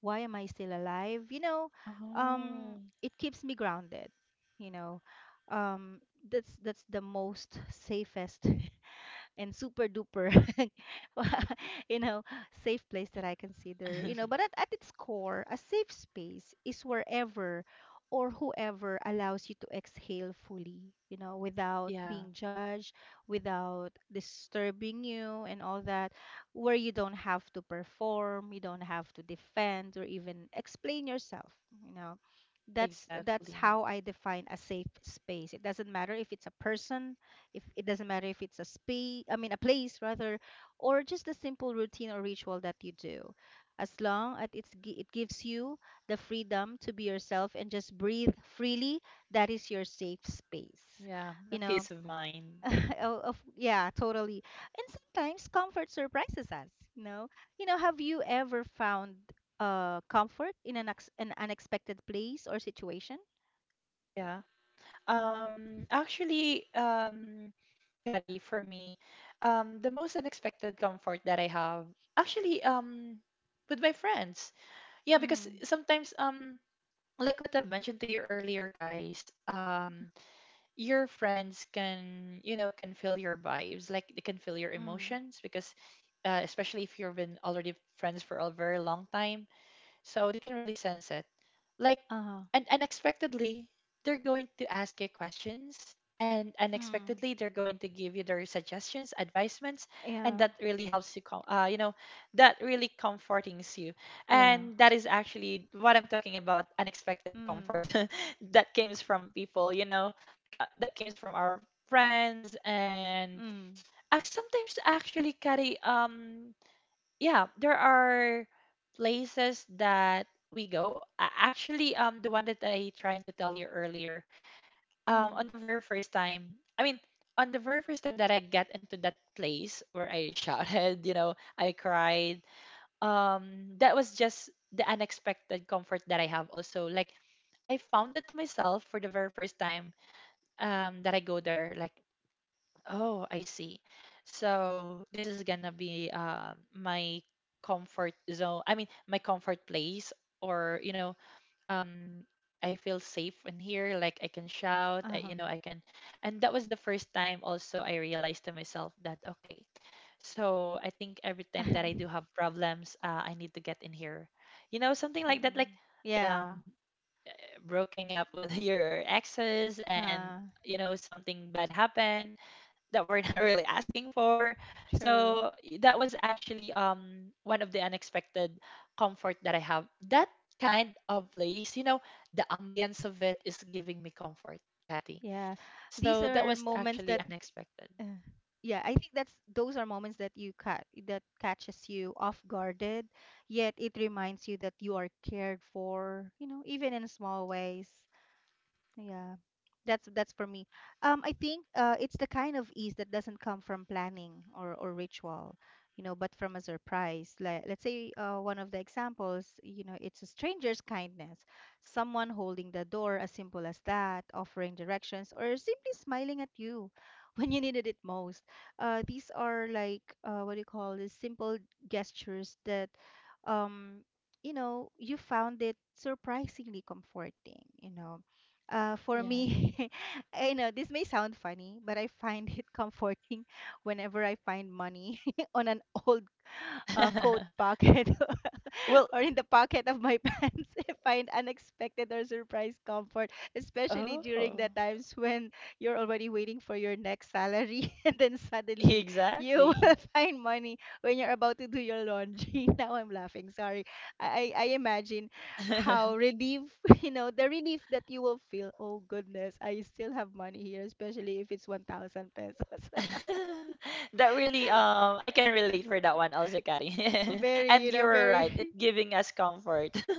A: Why am I still alive? You know, um,
B: Oh,
A: it keeps me grounded, you know. Um, that's the most safest and super duper, you know, safe place that I consider, but at its core, a safe space is wherever or whoever allows you to exhale fully, without being
B: yeah,
A: judged, without disturbing you and all that, where you don't have to perform, you don't have to defend or even explain yourself. You know that's that's how
B: exactly.
A: I define a safe space. It doesn't matter if it's a person, if it doesn't matter if it's a space, I mean a place rather, or just a simple routine or ritual that you do, as long as it gives you the freedom to be yourself and just breathe freely. That is your safe space
B: Yeah,
A: you
B: a
A: know
B: peace of mind.
A: yeah, totally. And sometimes comfort surprises us. you know have you ever found comfort in an unexpected place or situation?
B: Yeah. Actually, Kari, for me, the most unexpected comfort that I have, actually, with my friends. Yeah, because
A: Mm-hmm.
B: sometimes, like what I've mentioned to you earlier, guys, your friends can feel your vibes, like they can feel your
A: Mm-hmm.
B: emotions, because especially if you've been already friends for a very long time, so they can really sense it, like,
A: Uh-huh.
B: and unexpectedly they're going to ask you questions, and unexpectedly
A: Mm.
B: they're going to give you their suggestions advisements, and
A: Yeah,
B: that really helps you com- you know that really comfortings you,
A: yeah.
B: and that is actually what I'm talking about, unexpected
A: Mm,
B: comfort that comes from people, that comes from our friends, and
A: mm,
B: sometimes actually, Carry, yeah, there are places that we go. Actually, the one that I trying to tell you earlier, um, on
A: mm.
B: the very first time, I mean, on the very first time that I got into that place where I shouted, I cried. That was just the unexpected comfort that I have. Also, like, I found it to myself for the very first time, that I go there. Like, oh, I see. So this is gonna be, my comfort zone. I mean, my comfort place, or um, I feel safe in here. Like I can shout, I, you
A: Um,
B: know, I can. And that was the first time also I realized to myself that, okay, so I think every time that I do have problems, I need to get in here. You know, something
A: true.
B: like that,
A: Mm-hmm.
B: like,
A: Yeah.
B: um, breaking up with your exes,
A: Uh,
B: and something bad happened that we're not really asking for.
A: true.
B: So that was actually, one of the unexpected comfort that I have. That kind of place, the ambience of it is giving me comfort, Kathy.
A: Yeah. These
B: So that
A: are
B: was
A: moments
B: actually
A: that,
B: unexpected.
A: uh, yeah, I think that's those are moments that catches you off guarded, yet it reminds you that you are cared for, even in small ways. Yeah. That's for me. I think, it's the kind of ease that doesn't come from planning, or ritual, but from a surprise. Like, let's say, one of the examples, it's a stranger's kindness, someone holding the door, as simple as that, offering directions, or simply smiling at you when you needed it most. These are like, what do you call this? Simple gestures that, um, you found it surprisingly comforting. For
B: Yeah.
A: me, I know this may sound funny, but I find it comforting whenever I find money on an old, coat pocket,
B: Well,
A: or in the pocket of my pants, I find unexpected or surprise comfort, especially during the
B: oh,
A: times when you're already waiting for your next salary, and then suddenly you
B: exactly.
A: will find money when you're about to do your laundry. Now I'm laughing, sorry. I imagine how relief, the relief that you will feel. Oh goodness, I still have money here, especially if it's 1,000 pesos.
B: That really, I can relate for that one also, Kathy.
A: Very,
B: And you're right,
A: very.
B: it's giving us comfort.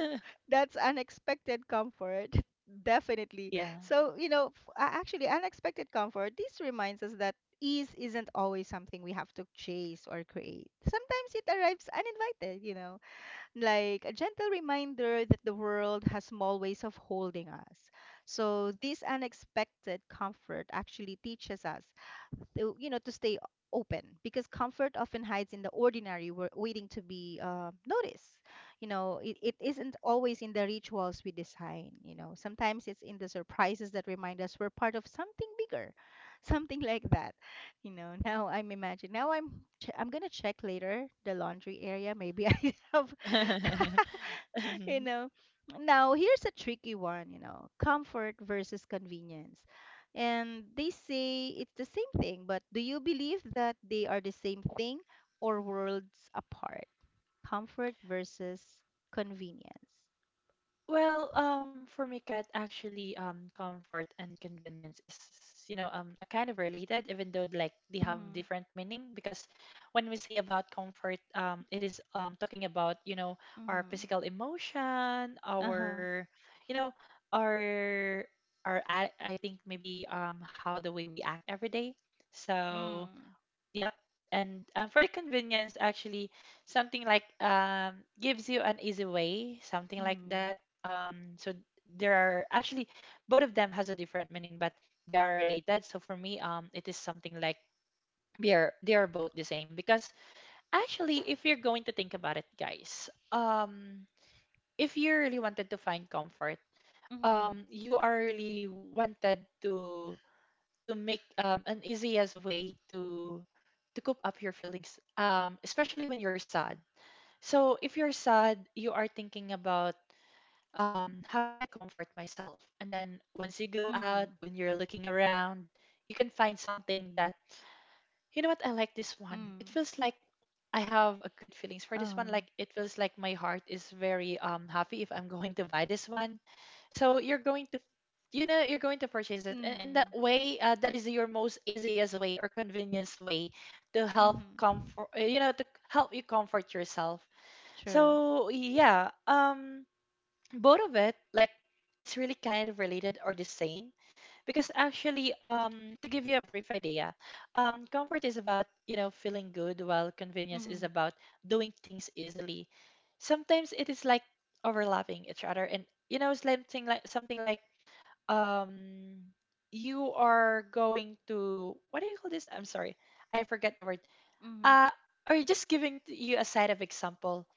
A: That's unexpected comfort. Definitely.
B: Yeah.
A: So, actually, unexpected comfort, this reminds us that ease isn't always something we have to chase or create. Sometimes it arrives uninvited, like a gentle reminder that the world has small ways of holding us. So, this unexpected comfort actually teaches us to stay open because comfort often hides in the ordinary, waiting to be noticed. You know, it isn't always in the rituals we design. You know, sometimes it's in the surprises that remind us we're part of something bigger, something like that. Now I'm imagining. Now I'm I'm gonna check later the laundry area. Maybe I have. you know. Now, here's a tricky one, you know, comfort versus convenience. And they say it's the same thing, but do you believe that they are the same thing or worlds apart? Comfort versus convenience.
B: Well, for me, Kat, actually, comfort and convenience is, a kind of related, even though like they have
A: Mm-hmm.
B: different meaning. Because when we say about comfort, it is talking about, our
A: Mm-hmm.
B: physical emotion,
A: Uh-huh.
B: our, you know, our our a- I think maybe, how the way we act every day. So,
A: Mm.
B: yep. And for the convenience, actually, something like, gives you an easy way, something like
A: Mm.
B: that. So there are actually, both of them has a different meaning, but they are related. So for me, it is something like they are both the same, because actually, if you're going to think about it, guys, if you really wanted to find comfort,
A: Mm.
B: you are really wanted to make, an easiest way to cope up your feelings, especially when you're sad. So if you're sad, you are thinking about, how can I comfort myself? And then once you go out,
A: Mm.
B: when you're looking around, you can find something that, you know what, I like this one. It
A: Mm.
B: feels like I have a good feelings for this one.
A: Oh.
B: Like it feels like my heart is very, happy if I'm going to buy this one. So you're going to purchase it, and in
A: Mm.
B: that way, that is your most easiest way or convenience way to help
A: Mm.
B: comfort, to help you comfort yourself.
A: True.
B: So yeah, both of it, like it's really kind of related or the same, because actually, to give you a brief idea, comfort is about, feeling good, while convenience is
A: Mm.
B: about doing things easily. Sometimes it is like overlapping each other, and something like um, you are going to, what do you call this? I'm sorry, I forget the word.
A: Mm.
B: Uh, or just giving you a side of example,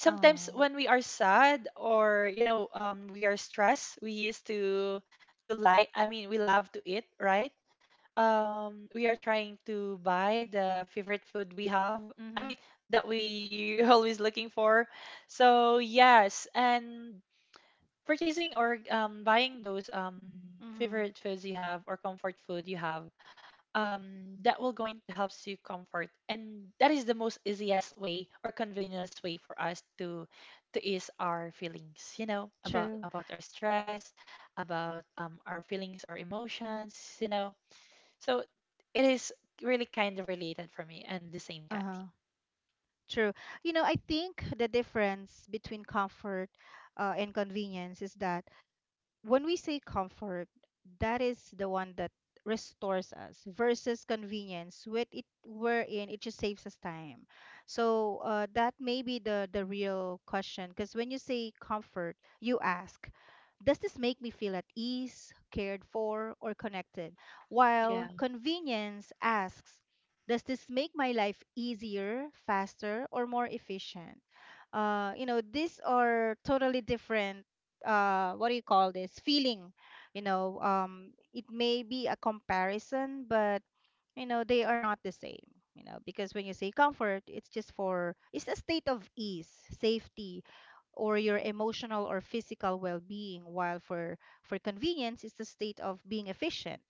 B: sometimes
A: Oh.
B: when we are sad or we are stressed, we used to lie, I mean we love to eat, right? We are trying to buy the favorite food we have, I
A: Mm.
B: mean that we always looking for, so yes. And purchasing or buying those
A: Mm.
B: favorite foods you have or comfort food you have, that will going to helps you comfort, and that is the most easiest way or convenience way for us to ease our feelings, you know, about
A: True.
B: about our stress, about our feelings or emotions, you know. So it is really kind of related for me and the same, Kathy.
A: Uh-huh. True. You know, I think the difference between comfort and convenience is that when we say comfort, that is the one that restores us versus convenience with it wherein it just saves us time. So that may be the real question because when you say comfort, you ask, does this make me feel at ease, cared for, or connected? While
B: Yeah,
A: convenience asks, does this make my life easier, faster, or more efficient? You know, these are totally different. What do you call this feeling? You know, it may be a comparison, but you know, they are not the same. You know, because when you say comfort, it's just for, it's a state of ease, safety, or your emotional or physical well-being. While for convenience, it's the state of being efficient,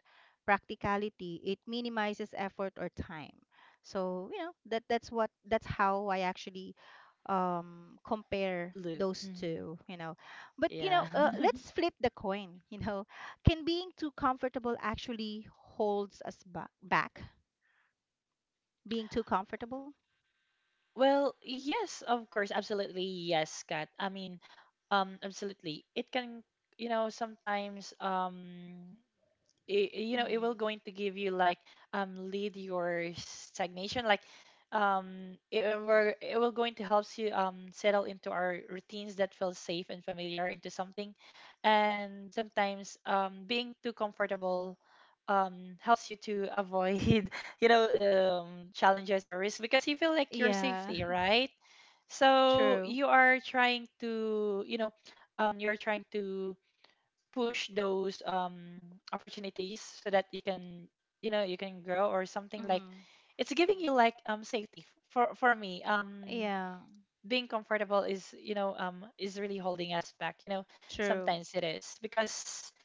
A: practicality, it minimizes effort or time. So you know, that's how I actually compare
B: Luke.
A: those
B: Hmm.
A: two, you know. But you
B: Yeah.
A: know, let's flip the coin, you know. Can being too comfortable actually holds us back, being too comfortable?
B: Well, yes, of course, absolutely yes, Kat. I mean, absolutely it can. You know, sometimes it, you know, it will
A: Mm.
B: going to give you like lead your stagnation, like it will going to helps you settle into our routines that feel safe and familiar into something. And sometimes being too comfortable helps you to avoid you know challenges or risks because you feel like your
A: Yeah.
B: safety, right? So
A: True.
B: you are trying to, you know, you're trying to push those opportunities so that you can, you know, you can grow or something like.
A: Mm-hmm.
B: It's giving you like safety. For me,
A: Yeah.
B: being comfortable is, you know, is really holding us back, you know.
A: True.
B: Sometimes it is because,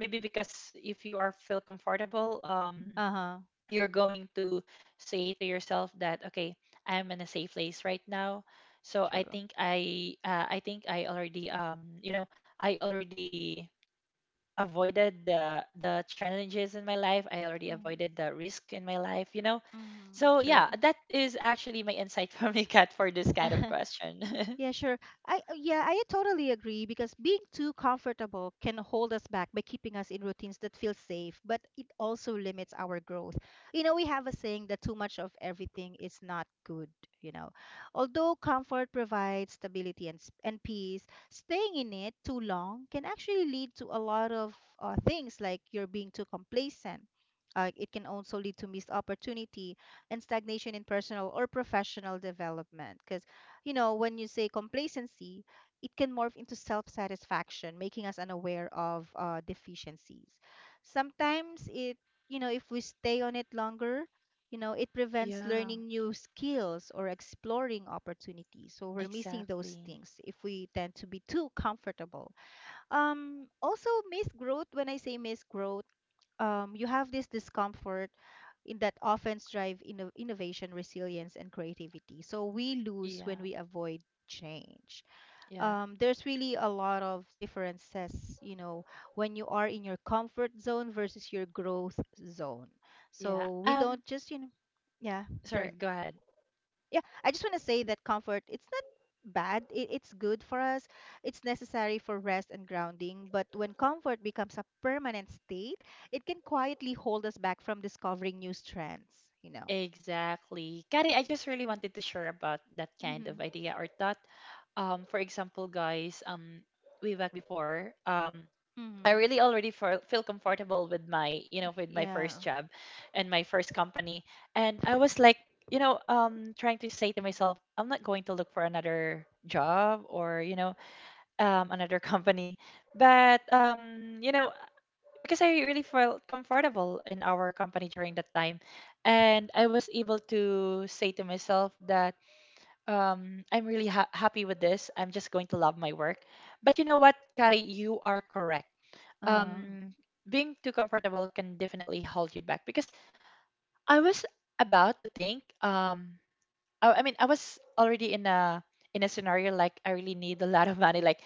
B: maybe because, if you are feel comfortable,
A: Uh-huh.
B: you're going to say to yourself that, okay, I'm in a safe place right now, so I
A: True.
B: think I think I already, you know, I already avoided the challenges in my life. I already avoided the risk in my life, you know.
A: Mm-hmm.
B: So
A: True.
B: yeah, that is actually my insight from you, Kat, for this kind of question.
A: Yeah, sure. I totally agree because being too comfortable can hold us back by keeping us in routines that feel safe, but it also limits our growth. You know, we have a saying that too much of everything is not good, you know. Although comfort provides stability and and peace, staying in it too long can actually lead to a lot of things like you're being too complacent. It can also lead to missed opportunity and stagnation in personal or professional development, you know. When you say complacency, it can morph into self satisfaction, making us unaware of deficiencies. Sometimes it, you know, if we stay on it longer, you know, it prevents
B: Yeah,
A: learning new skills or exploring opportunities. So we're missing those
B: exactly.
A: things if we tend to be too comfortable. Also, miss growth, when I say miss growth, you have this discomfort in that often drive innovation, resilience, and creativity. So we lose when
B: yeah,
A: we avoid change.
B: yeah,
A: There's really a lot of differences, you know, when you are in your comfort zone versus your growth zone. So
B: yeah.
A: we don't
B: Um,
A: just, you know, yeah, sure,
B: Sorry, go ahead.
A: yeah, I just want to say that comfort, it's not bad, it's good for us. It's necessary for rest and grounding, but when comfort becomes a permanent state, it can quietly hold us back from discovering new strengths, you know.
B: Exactly, Kari. I just really wanted to share about that kind of
A: Mm-hmm.
B: idea or thought. For example, guys, way back before, I
A: Mm-hmm.
B: really already feel comfortable with my, you know, with my
A: Yeah.
B: first job and my first company. And I was like, you know, trying to say to myself, I'm not going to look for another job or, you know, another company. But, you know, because I really felt comfortable in our company during that time. And I was able to say to myself that, I'm really happy with this. I'm just going to love my work. But you know what, Kari, you are correct.
A: Um.
B: um Being too comfortable can definitely hold you back because I was about to think, I mean I was already in a scenario like I really need a lot of money, like,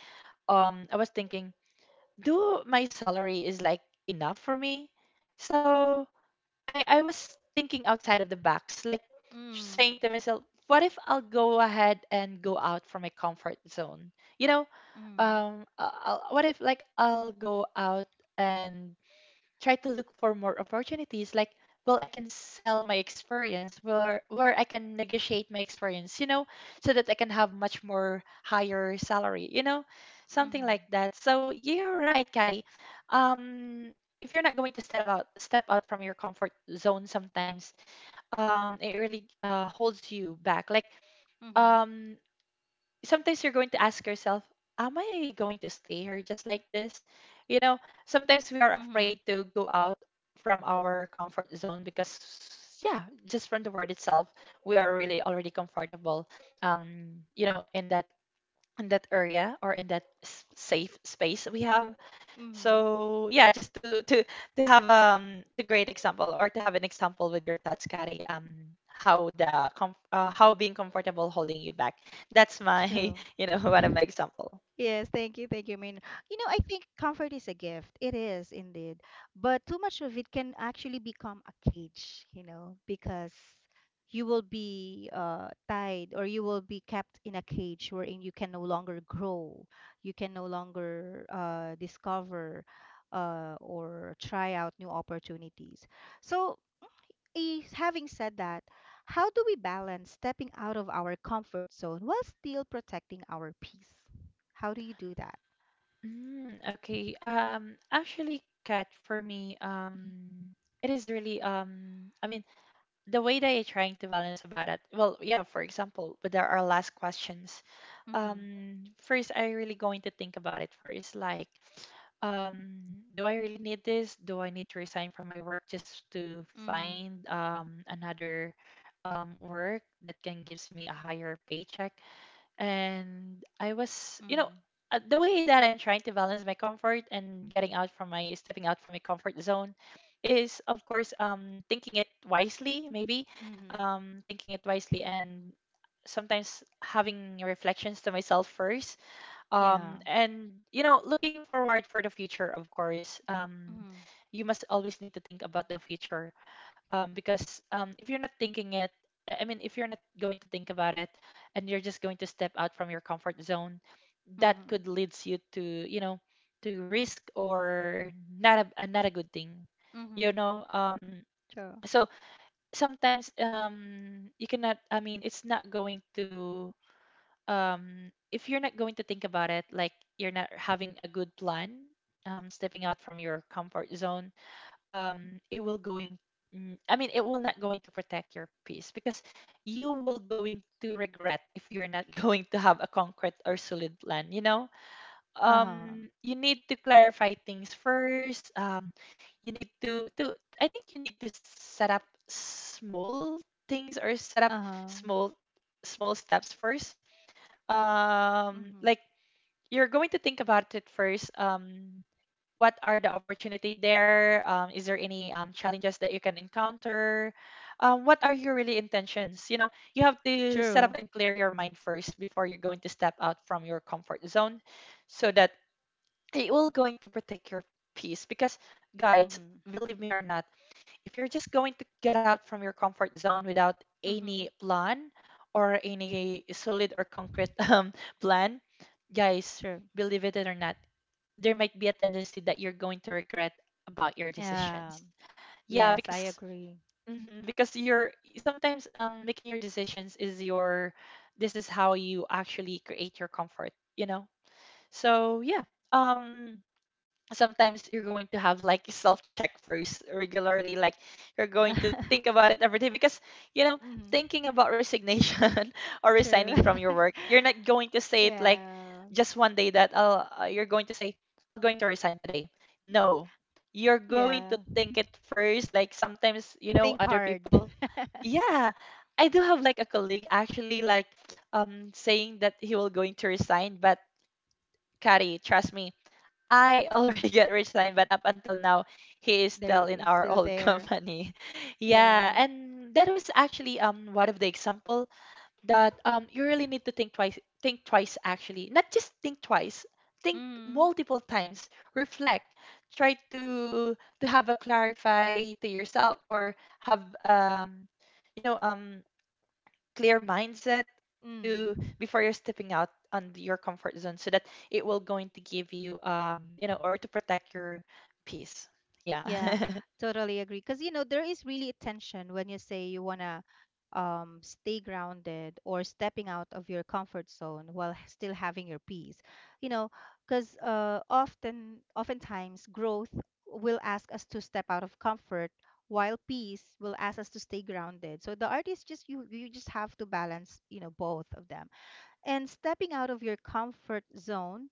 B: I was thinking, do my salary is like enough for me? So I was thinking outside of the box, like
A: Mm.
B: saying to myself, what if I'll go ahead and go out from my comfort zone, you know,
A: Mm.
B: I'll, what if like I'll go out and try to look for more opportunities, like, well I can sell my experience, where I can negotiate my experience, you know, so that I can have much more higher salary, you know, something like
A: Mm-hmm.
B: that. So you're right, Kari. um if you're not going to step out from your comfort zone, sometimes it really holds you back, like
A: Mm-hmm.
B: um sometimes you're going to ask yourself, am I going to stay here just like this? You know, sometimes we are
A: Mm-hmm.
B: afraid to go out from our comfort zone because, yeah, just from the word itself, we are really already comfortable, you know, in that area or in that safe space we have.
A: Mm-hmm.
B: So yeah, just to have to great example, or to have an example with your thoughts, Kari, how how being comfortable holding you back. That's my
A: True.
B: you know one of my example.
A: Yes, thank you, Min. You know, I think comfort is a gift. It is indeed. But too much of it can actually become a cage, you know, because you will be tied or you will be kept in a cage wherein you can no longer grow, you can no longer discover or try out new opportunities. So, eh, having said that, how do we balance stepping out of our comfort zone while still protecting our peace? How do you do that?
B: Mm, okay. Actually, Kat, for me, it is really, I mean, the way that you're trying to balance about it, well yeah, for example, but there are last questions,
A: Mhm.
B: first I really going to think about it first, like, um do I really need this? Do I need to resign from my work just to
A: Mhm.
B: find another work that can gives me a higher paycheck? And I was, you know,
A: Mhm.
B: the way that I'm trying to balance my comfort and getting out from my stepping out from my comfort zone is, of course, thinking it wisely, maybe,
A: Mhm.
B: thinking it wisely, and sometimes having reflections to myself first,
A: Yeah.
B: and you know, looking forward for the future. Of course,
A: Mhm.
B: you must always need to think about the future, because if you're not thinking it, I mean, if you're not going to think about it, and you're just going to step out from your comfort zone, that
A: Mhm.
B: could leads you to, you know, to risk or not a good thing, you
A: Mhm.
B: know.
A: True.
B: So sometimes, you cannot. I mean, it's not going to, if you're not going to think about it, like you're not having a good plan, stepping out from your comfort zone, it will going, mm, I mean it will not going to protect your peace, because you will going to regret if you're not going to have a concrete or solid plan, you know?
A: Uh-huh.
B: You need to clarify things first. You need to I think you need to set up small things, or set up
A: Uh-huh.
B: small small steps first.
A: Mhm.
B: Like you're going to think about it first. What are the opportunity there? Is there any challenges that you can encounter? What are your really intentions? You know, you have to set up
A: True.
B: and clear your mind first before you're going to step out from your comfort zone, so that it will going to protect your peace. Because, guys,
A: Mhm.
B: believe me or not, if you're just going to get out from your comfort zone without
A: Mhm.
B: any plan or any solid or concrete plan, guys,
A: True.
B: believe it or not, there might be a tendency that you're going to regret about your
A: Yeah.
B: decisions. Yeah,
A: Yes, I
B: because,
A: agree.
B: mhm, because you're sometimes making your decisions is your, this is how you actually create your comfort, you know. So yeah, um sometimes you're going to have like self check first regularly, like you're going to think about it every day, because you know,
A: Mhm.
B: thinking about resignation or
A: True.
B: resigning from your work, you're not going to say it like
A: Yeah.
B: just one day that you're going to say, I'm going to resign today. No, you're
A: Yeah.
B: going to think it first, like sometimes you
A: Think
B: know other
A: hard.
B: people. Yeah, I do have like a colleague actually, like saying that he will going to resign, but, Kari, trust me, I already get rich line, but up until now, he is
A: They're
B: still in
A: eh,
B: our
A: still
B: old
A: there.
B: company. Yeah,
A: Yeah.
B: and that was actually one of the example that you really need to think twice actually, not just think twice, think
A: Mm-hmm.
B: multiple times, reflect, try to have a clarify to yourself, or have, you know, clear mindset to
A: Mm.
B: before you're stepping out on your comfort zone, so that it will going to give you, you know, or to protect your peace. Yeah.
A: Yeah, totally agree. Because, you know, there is really a tension when you say you want to stay grounded or stepping out of your comfort zone while still having your peace. You know, because often, oftentimes, growth will ask us to step out of comfort while peace will ask us to stay grounded. So the art is just you just have to balance, you know, both of them. And stepping out of your comfort zone,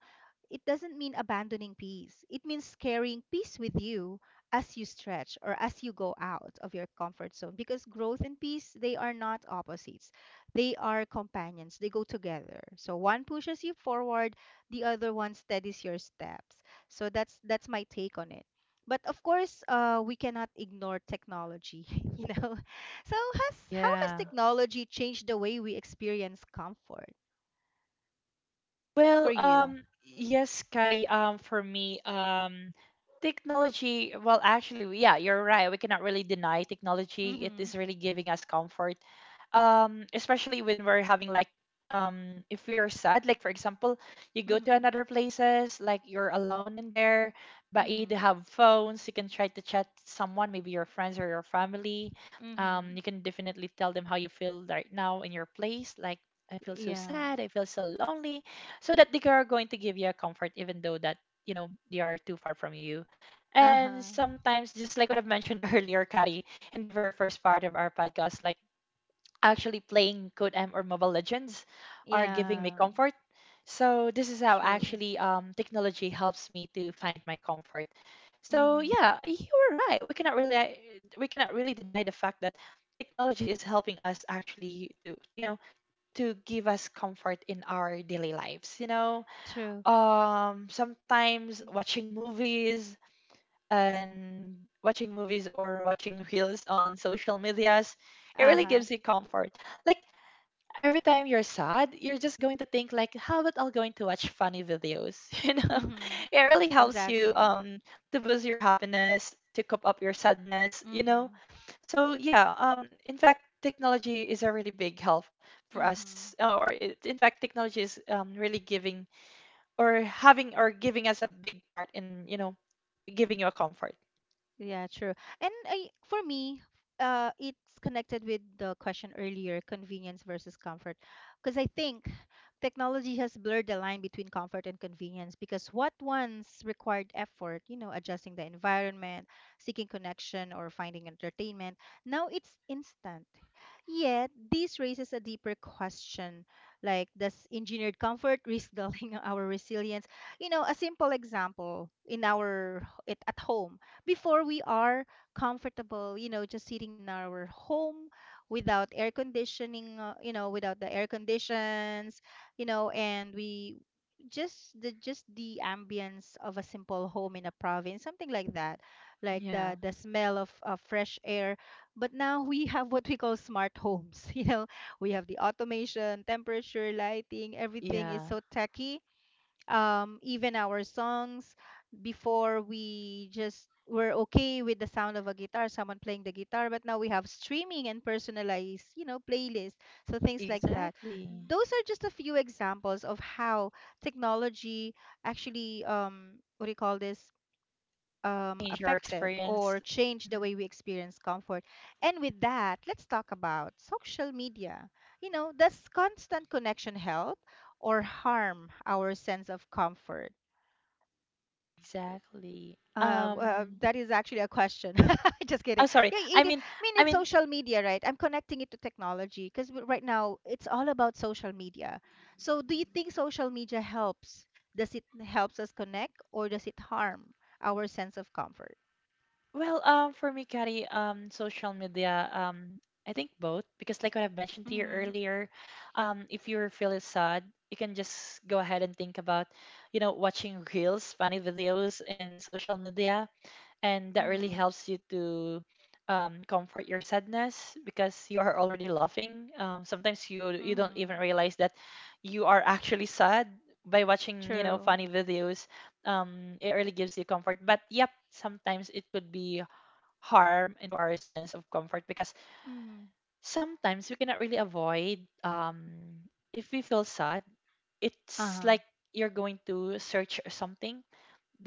A: it doesn't mean abandoning peace. It means carrying peace with you as you stretch or as you go out of your comfort zone, because growth and peace, they are not opposites. They are companions. They go together. So one pushes you forward, the other one steadies your steps. So that's my take on it. But of course, we cannot ignore technology, you know. So has how has
B: Yeah.
A: technology changed the way we experience comfort for
B: Well,
A: you?
B: yes, Kari, for me, technology, well, actually, we- yeah, you're right. We cannot really deny technology. It
A: Mm-hmm.
B: is really giving us comfort, especially when we're having like, if we are sad, like for example, you go to
A: Mm-hmm.
B: another places, like you're alone in there, but you do
A: Mm-hmm.
B: have phones. You can try to chat someone, maybe your friends or your family. You
A: Mm-hmm.
B: can definitely tell them how you feel right now in your place, like, I feel so
A: Yeah.
B: sad, I feel so lonely, so that they are going to give you a comfort even though that, you know, they are too far from you. And
A: Uh-huh.
B: sometimes just like what I've mentioned earlier, Kari, in the very first part of our podcast, like, actually playing code m or mobile legends are giving me
A: Yeah.
B: comfort. So this is how
A: True.
B: actually technology helps me to find my comfort. So
A: Mm-hmm.
B: yeah, you were right, we cannot really deny the fact that technology is helping us actually to, you know, to give us comfort in our daily lives, you know.
A: True.
B: Sometimes watching movies and watching movies or watching reels on social medias, it really
A: Uh-huh.
B: gives you comfort, like every time you're sad, you're just going to think like, how about I'm going to watch funny videos you know.
A: Mm-hmm.
B: It really helps you
A: Exactly.
B: to boost your happiness, to cope up your sadness, you know.
A: Mm-hmm.
B: So yeah, in fact, technology is a really big help for us,
A: Mm-hmm.
B: in fact, technology is really giving or having or giving us a big part in, you know, giving you a comfort.
A: Yeah, true. And I, for me, it's connected with the question earlier, convenience versus comfort. Because I think technology has blurred the line between comfort and convenience, because what once required effort, you know, adjusting the environment, seeking connection, or finding entertainment, now it's instant. Yet, this raises a deeper question like, does engineered comfort risk dulling our resilience? You know, a simple example in our it, at home, before we are comfortable, you know, just sitting in our home without air conditioning, you know, without the air conditions, you know, and we, just the ambience of a simple home in a province, something like that, like the
B: Yeah,
A: the smell of fresh air. But now we have what we call smart homes, you know, we have the automation, temperature, lighting, everything
B: yeah,
A: is so techy, even our songs, before we just were okay with the sound of a guitar, someone playing the guitar, but now we have streaming and personalized, you know, playlists. So things like that,
B: exactly.
A: those are just a few examples of how technology actually, um, what do you call this,
B: Change your
A: affected or
B: experience.
A: change the way
B: Mhm.
A: we experience comfort. And with that, let's talk about social media. You know, does constant connection help or harm our sense of comfort?
B: Exactly.
A: That is actually a question. Just
B: I'm
A: kidding.
B: sorry.
A: Yeah, it, I mean,
B: I
A: it's
B: mean,
A: social media, right? I'm connecting it to technology because right now it's all about social media. So, do you think social media helps? Does it helps us connect or does it harm our sense of comfort?
B: Well, for me, Kari, social media, I think both, because like what I've mentioned to you
A: Mm-hmm.
B: earlier, if you're feeling sad, you can just go ahead and think about, you know, watching reels, funny videos in social media, and that really
A: Mm-hmm.
B: helps you to comfort your sadness, because you are already laughing. Sometimes you don't even
A: Mhm.
B: realize that you are actually sad by watching, you know,
A: True.
B: funny videos. It really gives you comfort. But yep, sometimes it could be harm into our sense of comfort, because
A: Mhm.
B: sometimes we cannot really avoid, if we feel sad, it's
A: Uh-huh.
B: like you're going to search something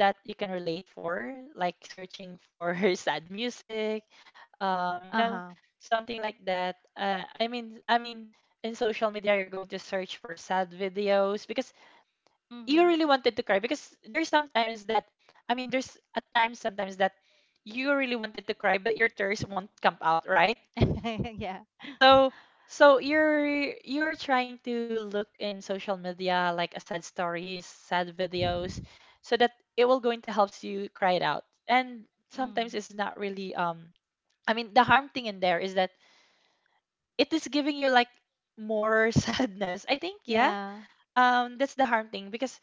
B: that you can relate for, like searching for sad music, you
A: Uh-huh.
B: know, something like that. I mean, in social media, you're going to search for sad videos, because you
A: Mhm.
B: really wanted to cry, because there's sometimes that, there's a time sometimes that you really wanted to cry but your tears won't come out, right?
A: Yeah.
B: So so you're trying to look in social media like a sad stories, sad videos, so that it will going to helps you cry it out. And sometimes
A: Mhm.
B: it's not really I mean the harm thing in there is that it is giving you like more sadness, I think, yeah.
A: Yeah.
B: That's the harm thing, because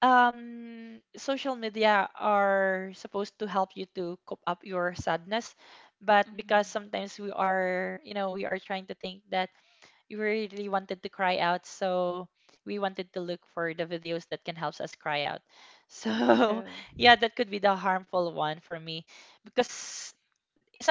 B: social media are supposed to help you to cope up your sadness, but because
A: Mhm.
B: sometimes we are, you know, we are trying to think that we really wanted to cry out. So we wanted to look for the videos that can help us cry out. So
A: True.
B: yeah, that could be the harmful one for me, because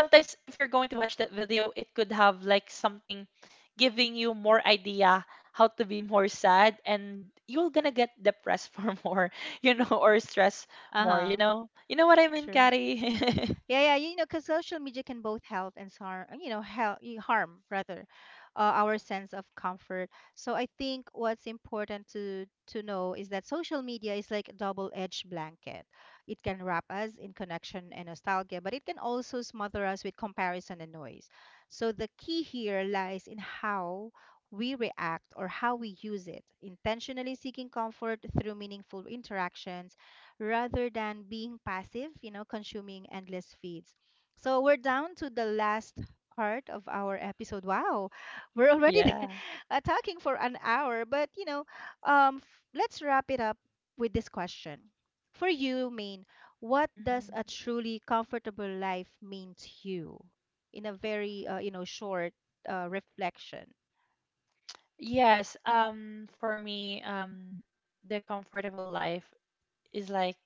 B: sometimes if you're going to watch that video, it could have like something giving you more idea how to be more sad and you're gonna get depressed for more, you know, or stress more,
A: Uh-huh.
B: you know. You know what I mean,
A: True.
B: Carrie?
A: Yeah, yeah, you know, because social media can both help and harm, you know, help, harm rather, our sense of comfort. So I think what's important to know is that social media is like a double-edged blanket. It can wrap us in connection and nostalgia, but it can also smother us with comparison and noise. So the key here lies in how we react or how we use it, intentionally seeking comfort through meaningful interactions rather than being passive, you know, consuming endless feeds. So we're down to the last part of our episode. Wow, we're already
B: Yeah.
A: talking for an hour, but you know, let's wrap it up with this question. For you, Main, what does a
B: Mhm.
A: truly comfortable life mean to you? In a very, you know, short reflection.
B: Yes, for me, the comfortable life is like,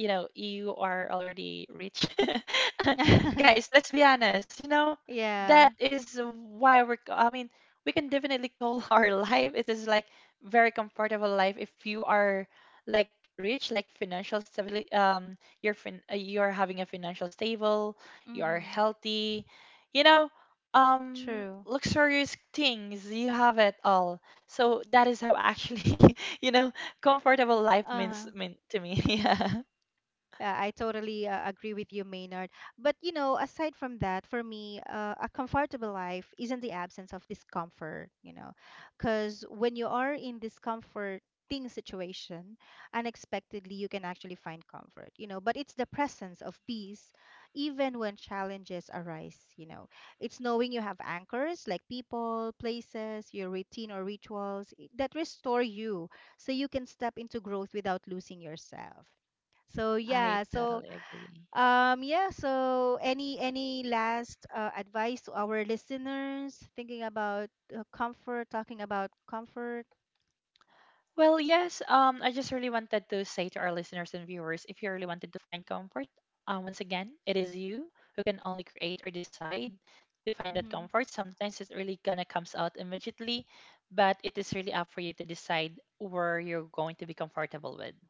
B: you know, you are already rich. Guys, let's be honest, you know,
A: Yeah.
B: that is why we're c- I mean we can definitely call our life, it is like very comfortable life, if you are like rich, like financial stability, you're having a financial stable, you're
A: Mm-hmm.
B: healthy, you know,
A: True.
B: luxurious things you have it all. So that is how actually you know comfortable life
A: Uh-huh.
B: mean to me. Yeah.
A: I totally agree with you, Maynard. But you know, aside from that, for me, a comfortable life isn't the absence of discomfort, you know, because when you are in discomforting situation, unexpectedly you can actually find comfort, you know. But it's the presence of peace, even when challenges arise, you know. It's knowing you have anchors like people, places, your routine or rituals that restore you, so you can step into growth without losing yourself. So
B: I
A: yeah, so
B: totally agree.
A: um, yeah, so any last advice to our listeners thinking about comfort, talking about comfort?
B: Well, yes, I just really wanted to say to our listeners and viewers, if you really wanted to find comfort, once again, it is you who can only create or decide to find that
A: Mm-hmm.
B: comfort. Sometimes it's really gonna comes out immediately, but it is really up for you to decide where you're going to be comfortable with.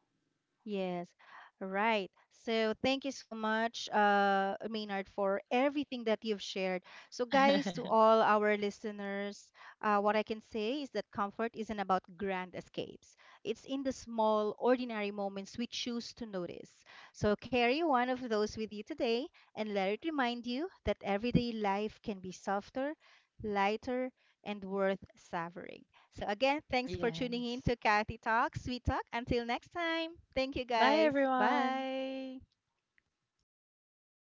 A: Yes, right. So thank you so much, Maynard, for everything that you've shared. So, guys, to all our listeners, what I can say is that comfort isn't about grand escapes. It's in the small, ordinary moments we choose to notice. So, carry one of those with you today and let it remind you that everyday life can be softer, lighter, and worth savoring. So, again, thanks for tuning in
B: Yes.
A: to Kathy Talks, Sweet Talk. Until next time, thank you
B: Bye,
A: guys.
B: everyone.
A: Bye.